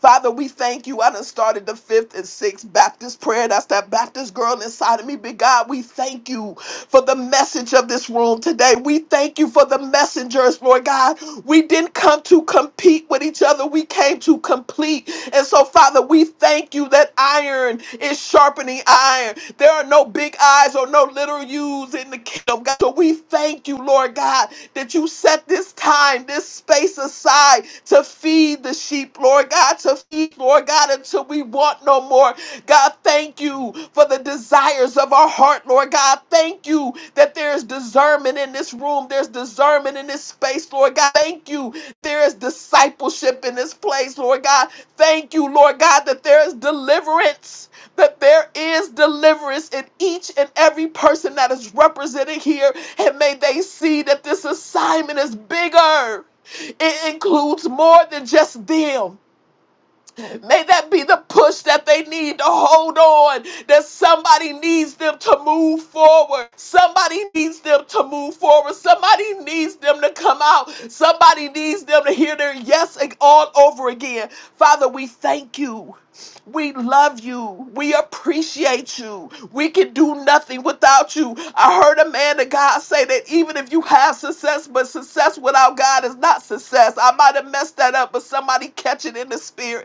B: Father, we thank you. I done started the fifth and sixth Baptist prayer. That's that Baptist girl inside of me. Big God, we thank you for the message of this room today. We thank you for the messengers, Lord God. We didn't come to compete with each other. We came to complete. And so, Father, we thank you that iron is sharpening iron. There are no big eyes or no little U's in the kingdom, God. So we thank you, Lord God, that you set this time, this space aside to feed the sheep, Lord God, to feed, Lord God, until we want no more. God, thank you for the desires of our heart, Lord God. Thank you that there is discernment in this room, there's discernment in this space, Lord God. Thank you, there is discipleship in this place, Lord God. Thank you, Lord God, that there is deliverance, that there is deliverance in each and every person that is represented here. And may they see that this assignment is bigger. It includes more than just them. May that be the push that they need to hold on, that somebody needs them to move forward. Somebody needs them to move forward. Somebody needs them to come out. Somebody needs them to hear their yes ag- all over again. Father, we thank you. We love you. We appreciate you. We can do nothing without you. I heard a man of God say that even if you have success, but success without God is not success. I might have messed that up, but somebody catch it in the spirit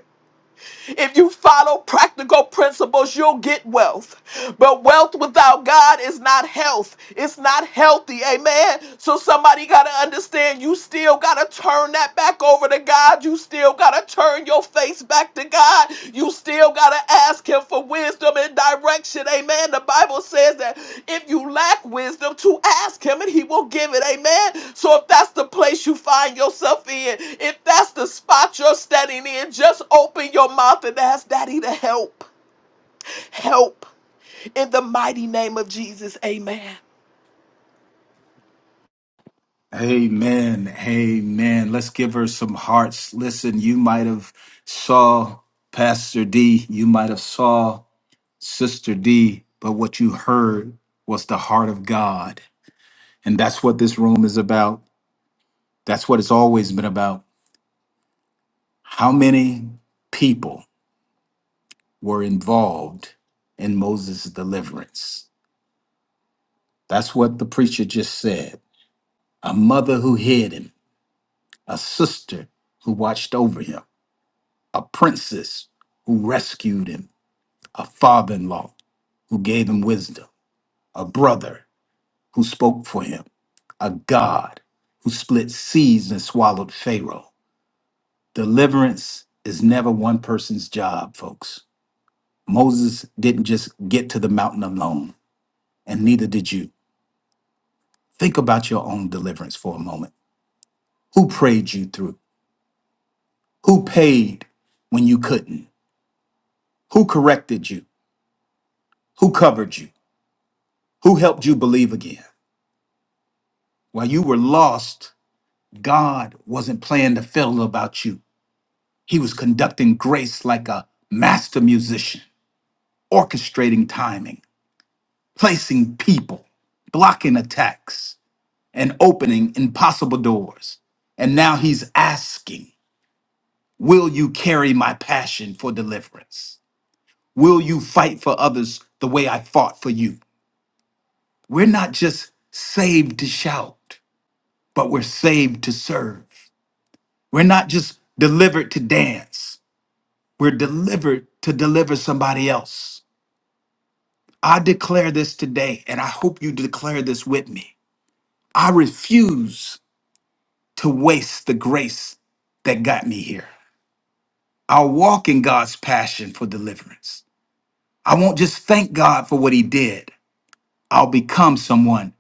B: if you follow practical principles, you'll get wealth. But wealth without God is not health. It's not healthy. Amen. So somebody got to understand you still got to turn that back over to God. You still got to turn your face back to God. You still still got to ask him for wisdom and direction. Amen. The Bible says that if you lack wisdom, to ask him and he will give it. Amen. So if that's the place you find yourself in, if that's the spot you're standing in, just open your mouth and ask daddy to help. Help in the mighty name of Jesus. Amen.
A: Amen. Amen. Let's give her some hearts. Listen, you might have saw Pastor D, you might have saw Sister D, but what you heard was the heart of God. And that's what this room is about. That's what it's always been about. How many people were involved in Moses' deliverance? That's what the preacher just said. A mother who hid him, a sister who watched over him a princess who rescued him, a father in law who gave him wisdom, a brother who spoke for him, a God who split seas and swallowed Pharaoh. Deliverance is never one person's job, folks. Moses didn't just get to the mountain alone, and neither did you. Think about your own deliverance for a moment. Who prayed you through? Who paid when you couldn't? Who corrected you? Who covered you? Who helped you believe again? While you were lost, God wasn't playing the fiddle about you. He was conducting grace like a master musician, orchestrating timing, placing people, blocking attacks, and opening impossible doors. And now he's asking, Will you carry my passion for deliverance? Will you fight for others the way I fought for you? We're not just saved to shout, but we're saved to serve. We're not just delivered to dance We're delivered to deliver somebody else. I declare this today, and I hope you declare this with me. I refuse to waste the grace that got me here. I'll walk in God's passion for deliverance. I won't just thank God for what He did, I'll become someone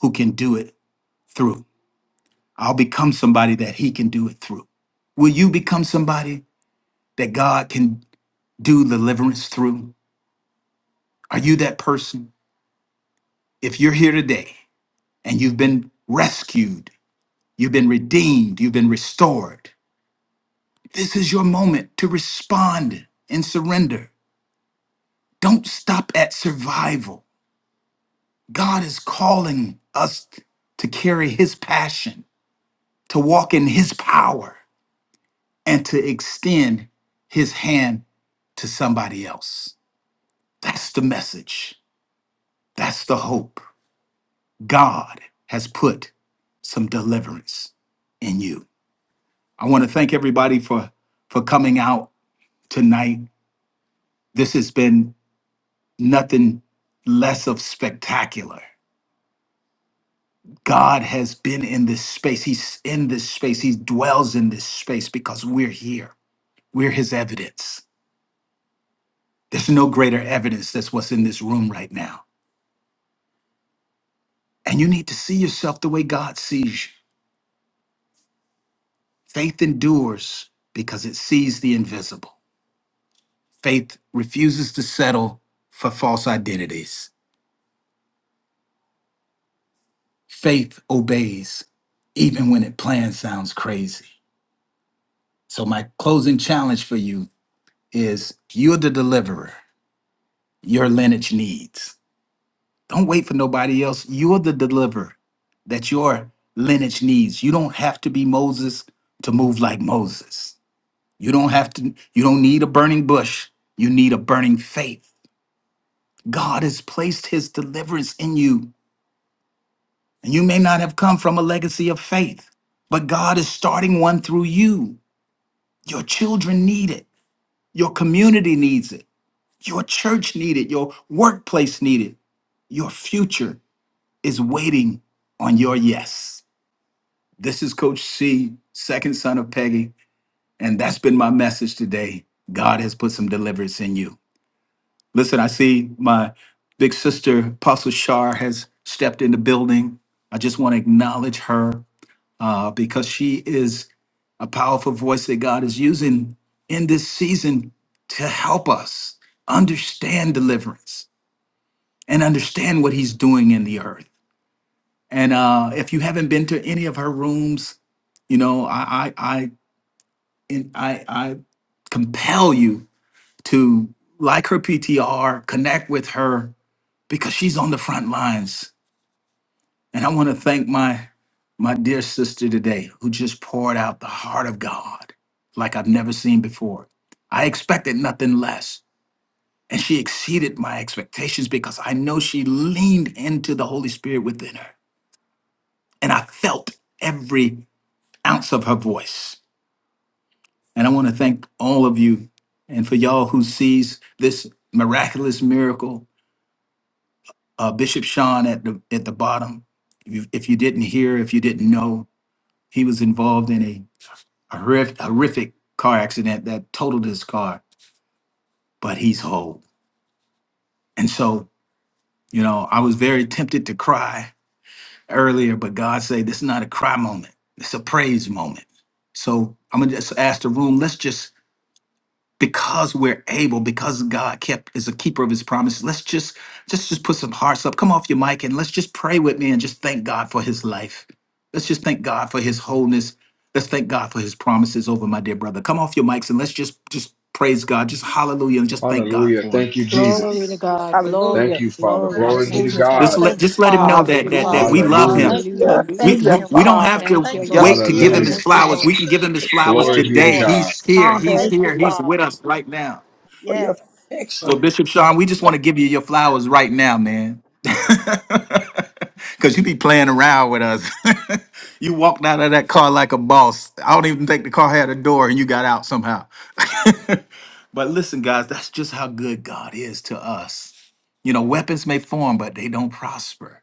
A: who can do it through. I'll become somebody that He can do it through. Will you become somebody that God can do deliverance through? Are you that person? If you're here today and you've been rescued, you've been redeemed, you've been restored. This is your moment to respond and surrender. Don't stop at survival. God is calling us to carry his passion, to walk in his power, and to extend his hand to somebody else. That's the message. That's the hope. God has put some deliverance in you. I want to thank everybody for for coming out tonight. This has been nothing less of spectacular. God has been in this space. He's in this space. He dwells in this space because we're here. We're his evidence. There's no greater evidence that's what's in this room right now. And you need to see yourself the way God sees you. Faith endures because it sees the invisible. Faith refuses to settle for false identities. Faith obeys even when it plan sounds crazy. So, my closing challenge for you is you're the deliverer your lineage needs. Don't wait for nobody else. You're the deliverer that your lineage needs. You don't have to be Moses to move like Moses. You don't have to, you don't need a burning bush. You need a burning faith. God has placed his deliverance in you. And you may not have come from a legacy of faith, but God is starting one through you. Your children need it. Your community needs it. Your church needed, your workplace needed. Your future is waiting on your yes. This is Coach C, second son of Peggy, and that's been my message today. God has put some deliverance in you. Listen, I see my big sister, Apostle Shar, has stepped in the building. I just want to acknowledge her uh, because she is a powerful voice that God is using in this season to help us understand deliverance and understand what he's doing in the earth. And uh, if you haven't been to any of her rooms, you know, I I I in- I, I compel you to like her PTR, connect with her because she's on the front lines. And I want to thank my my dear sister today who just poured out the heart of God like I've never seen before. I expected nothing less. And she exceeded my expectations because I know she leaned into the Holy Spirit within her and I felt every ounce of her voice. And I want to thank all of you and for y'all who sees this miraculous miracle. Uh, Bishop Sean at the at the bottom. If you, if you didn't hear, if you didn't know, he was involved in a horrific, horrific car accident that totaled his car, but he's whole. And so, you know, I was very tempted to cry earlier, but God said, this is not a cry moment. It's a praise moment. So I'm gonna just ask the room. Let's just because we're able because god kept is a keeper of his promises let's just just just put some hearts up come off your mic and let's just pray with me and just thank god for his life let's just thank god for his wholeness let's thank god for his promises over my dear brother come off your mics and let's just just praise god just hallelujah and just thank god
E: Hallelujah.
A: for him
E: Thank you,
K: Glory to
E: Jesus.
K: God. Glory,
E: Thank
C: Hallelujah.
E: you, Father.
K: glory.
E: Glory
A: yes
E: be
K: Thank
E: to
K: you,
C: Hallelujah.
A: just
E: God.
K: Father.
A: let
C: Thank you,
A: just let him know
C: Father.
K: Thank
A: that
K: you,
A: that
B: Hallelujah.
A: that
K: Father.
A: we love
E: Hallelujah.
A: him
C: Thank you
G: you,
C: for
K: Hallelujah.
A: we,
C: saving
A: we
B: Hallelujah.
C: him,
A: we
G: Father.
A: don't have
C: Father.
K: Thank
A: to
C: Thank
K: you,
C: you
B: Yes,
C: for
A: wait
K: Lord.
A: to give
G: Thank
C: healing
A: him
G: you
E: Hallelujah.
A: his
C: him,
K: Thank
G: for
K: you,
G: your,
A: flowers
C: Father.
K: Lord.
A: we can give him his flowers
C: Yes,
E: Glory be to
A: today
C: Lord.
E: God.
A: he's here he's
C: Thank
G: thank you,
C: you,
A: here he's
G: Father,
A: with
C: Father.
A: us right now
G: for your
C: Yes.
G: protection.
A: So Bishop Sean, we just want to give you your flowers right now, man. Cause you be playing around with us. you walked out of that car like a boss. I don't even think the car had a door and you got out somehow. but listen, guys, that's just how good God is to us. You know, weapons may form, but they don't prosper.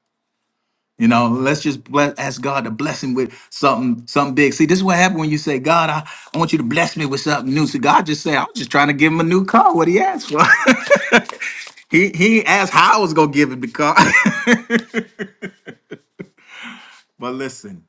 A: You know, let's just bless, ask God to bless him with something, something big. See, this is what happened when you say, God, I, I want you to bless me with something new. So God just say, I was just trying to give him a new car, what he asked for. he he asked how I was gonna give him the car. but listen.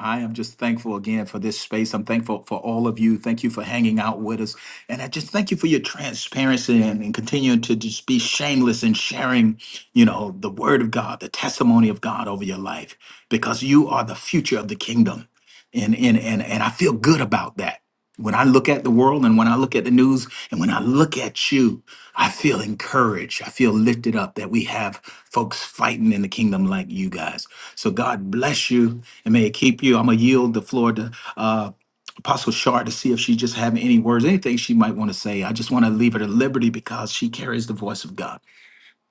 A: I am just thankful again for this space. I'm thankful for all of you. Thank you for hanging out with us. And I just thank you for your transparency and, and continuing to just be shameless in sharing, you know, the word of God, the testimony of God over your life, because you are the future of the kingdom. And and and, and I feel good about that. When I look at the world and when I look at the news and when I look at you, I feel encouraged. I feel lifted up that we have folks fighting in the kingdom like you guys. So God bless you and may it keep you. I'm going to yield the floor to uh, Apostle Shar to see if she just have any words, anything she might want to say. I just want to leave her to liberty because she carries the voice of God.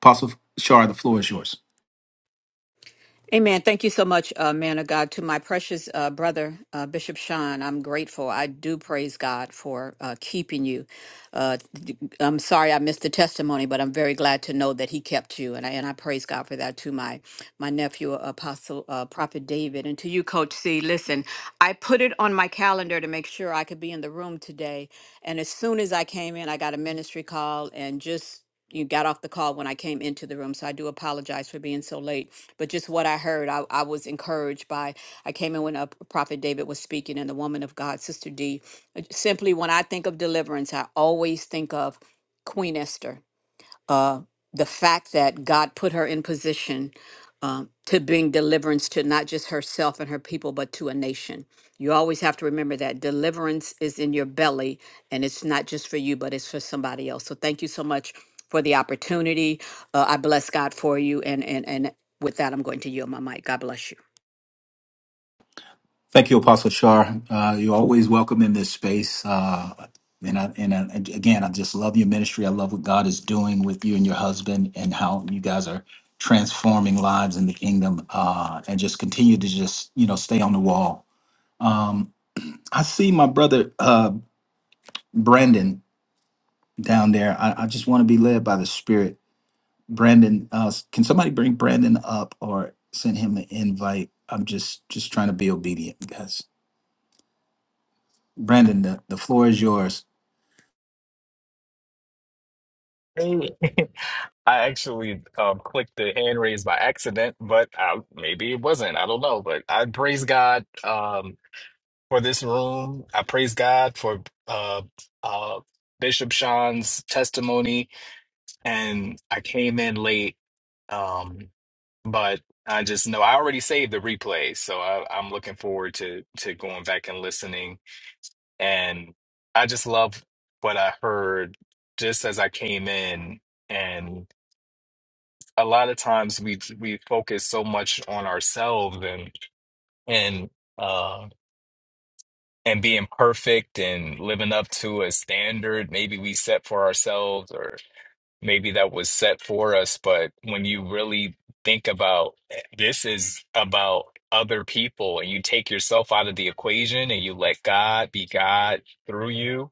A: Apostle Shar, the floor is yours.
K: Amen. Thank you so much, uh, man of God. To my precious uh, brother, uh, Bishop Sean, I'm grateful. I do praise God for uh, keeping you. Uh, th- I'm sorry I missed the testimony, but I'm very glad to know that he kept you, and I and I praise God for that. To my my nephew, Apostle uh, Prophet David, and to you, Coach C. Listen, I put it on my calendar to make sure I could be in the room today, and as soon as I came in, I got a ministry call, and just you got off the call when I came into the room, so I do apologize for being so late but just what I heard, I, I was encouraged by. I came in when uh, Prophet David was speaking and the woman of God, Sister D. Uh, Simply, when I think of deliverance, I always think of Queen Esther uh, the fact that God put her in position um, to bring deliverance to not just herself and her people, but to a nation. You always have to remember that deliverance is in your belly and it's not just for you, but it's for somebody else. So thank you so much for the opportunity. Uh, I bless God for you. And, and, and with that, I'm going to yield my mic. God bless you.
A: Thank you, Apostle Shar. Uh, you're always welcome in this space. Uh, and I, and I, and again, I just love your ministry. I love what God is doing with you and your husband, and how you guys are transforming lives in the kingdom. Uh, and just continue to just you know stay on the wall. Um, I see my brother uh, Brandon down there. I, I just want to be led by the Spirit. Brandon, uh, can somebody bring Brandon up or send him an invite? I'm just just trying to be obedient, guys. Brandon, the, the floor is yours.
L: Hey, I actually um, clicked the hand raise by accident, but uh maybe it wasn't. I don't know. But I praise God um, for this room. I praise God for uh, uh, Bishop Sean's testimony. And I came in late, um, but I just know I already saved the replay, so I, I'm looking forward to to going back and listening. And I just love what I heard just as I came in. and a lot of times we we focus so much on ourselves and and uh and being perfect and living up to a standard maybe we set for ourselves or maybe that was set for us but when you really think about this is about other people and you take yourself out of the equation and you let God be God through you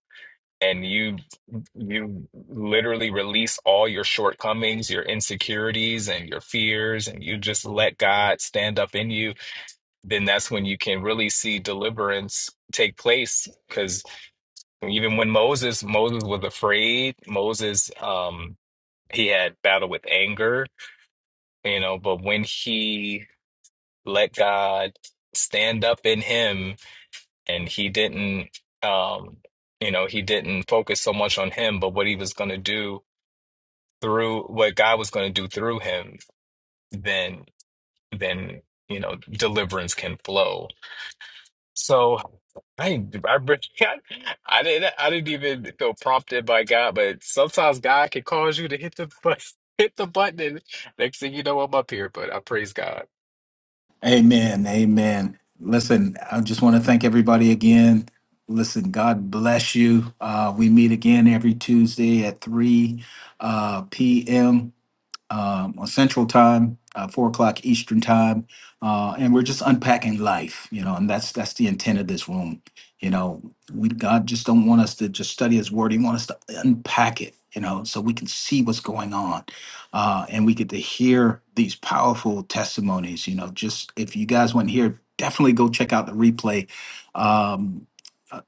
L: and you you literally release all your shortcomings, your insecurities and your fears and you just let God stand up in you, then that's when you can really see deliverance take place cuz even when Moses Moses was afraid, Moses um he had battle with anger, you know, but when he let God stand up in him and he didn't um you know, he didn't focus so much on him, but what he was going to do through what God was going to do through him, then then you know deliverance can flow. So I I re- I didn't I didn't even feel prompted by God, but sometimes God can cause you to hit the button, hit the button, and next thing you know, I'm up here. But I praise God.
A: Amen. Amen. Listen, I just want to thank everybody again. Listen, God bless you. Uh, we meet again every Tuesday at 3 uh, p.m um, on Central Time, uh, four o'clock Eastern Time, uh, and we're just unpacking life, you know, and that's that's the intent of this room. You know, we God just don't want us to just study His Word; He wants us to unpack it, you know, so we can see what's going on, uh, and we get to hear these powerful testimonies. You know, just if you guys want to hear, definitely go check out the replay. Um, uh,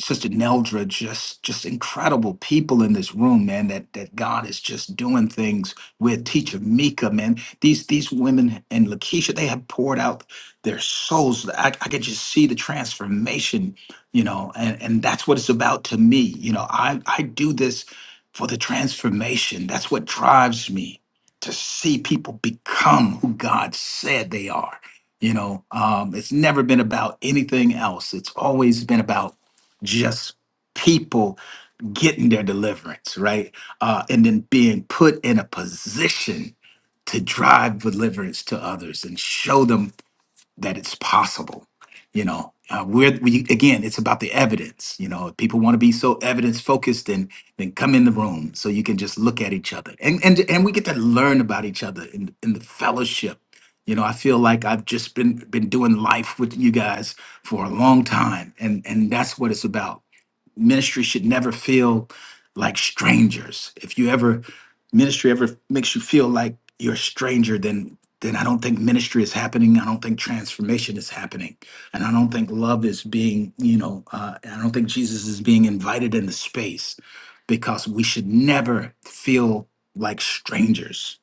A: Sister Neldra, just just incredible people in this room, man. That that God is just doing things with teacher Mika, man. These these women and Lakeisha, they have poured out their souls. I, I could just see the transformation, you know, and, and that's what it's about to me. You know, I, I do this for the transformation. That's what drives me to see people become who God said they are. You know, um, it's never been about anything else. It's always been about just people getting their deliverance, right? Uh, and then being put in a position to drive deliverance to others and show them that it's possible. You know, uh, we're, we again, it's about the evidence. You know, if people want to be so evidence focused, then then come in the room so you can just look at each other and and and we get to learn about each other in in the fellowship. You know, I feel like I've just been been doing life with you guys for a long time, and and that's what it's about. Ministry should never feel like strangers. If you ever ministry ever makes you feel like you're a stranger, then then I don't think ministry is happening. I don't think transformation is happening. And I don't think love is being, you know, uh, I don't think Jesus is being invited into space because we should never feel like strangers.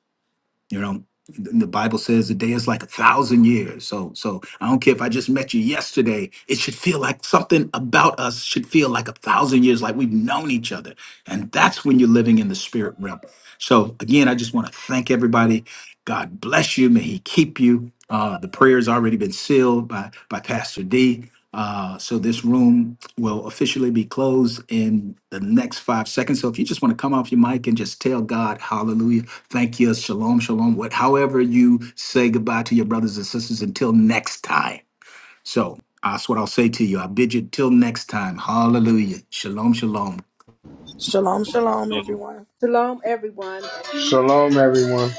A: You know, the the Bible says a day is like a thousand years. So, so I don't care if I just met you yesterday, it should feel like something about us should feel like a thousand years, like we've known each other. And that's when you're living in the spirit realm. So again, I just want to thank everybody God bless you. May He keep you. Uh, the prayer's already been sealed by by Pastor D. Uh, so this room will officially be closed in the next five seconds. So if you just want to come off your mic and just tell God, Hallelujah, thank you, Shalom, Shalom, what, however you say goodbye to your brothers and sisters until next time. So that's what I'll say to you. I bid you till next time. Hallelujah, Shalom, Shalom.
G: Shalom, shalom, everyone.
H: Shalom everyone
E: Shalom, everyone.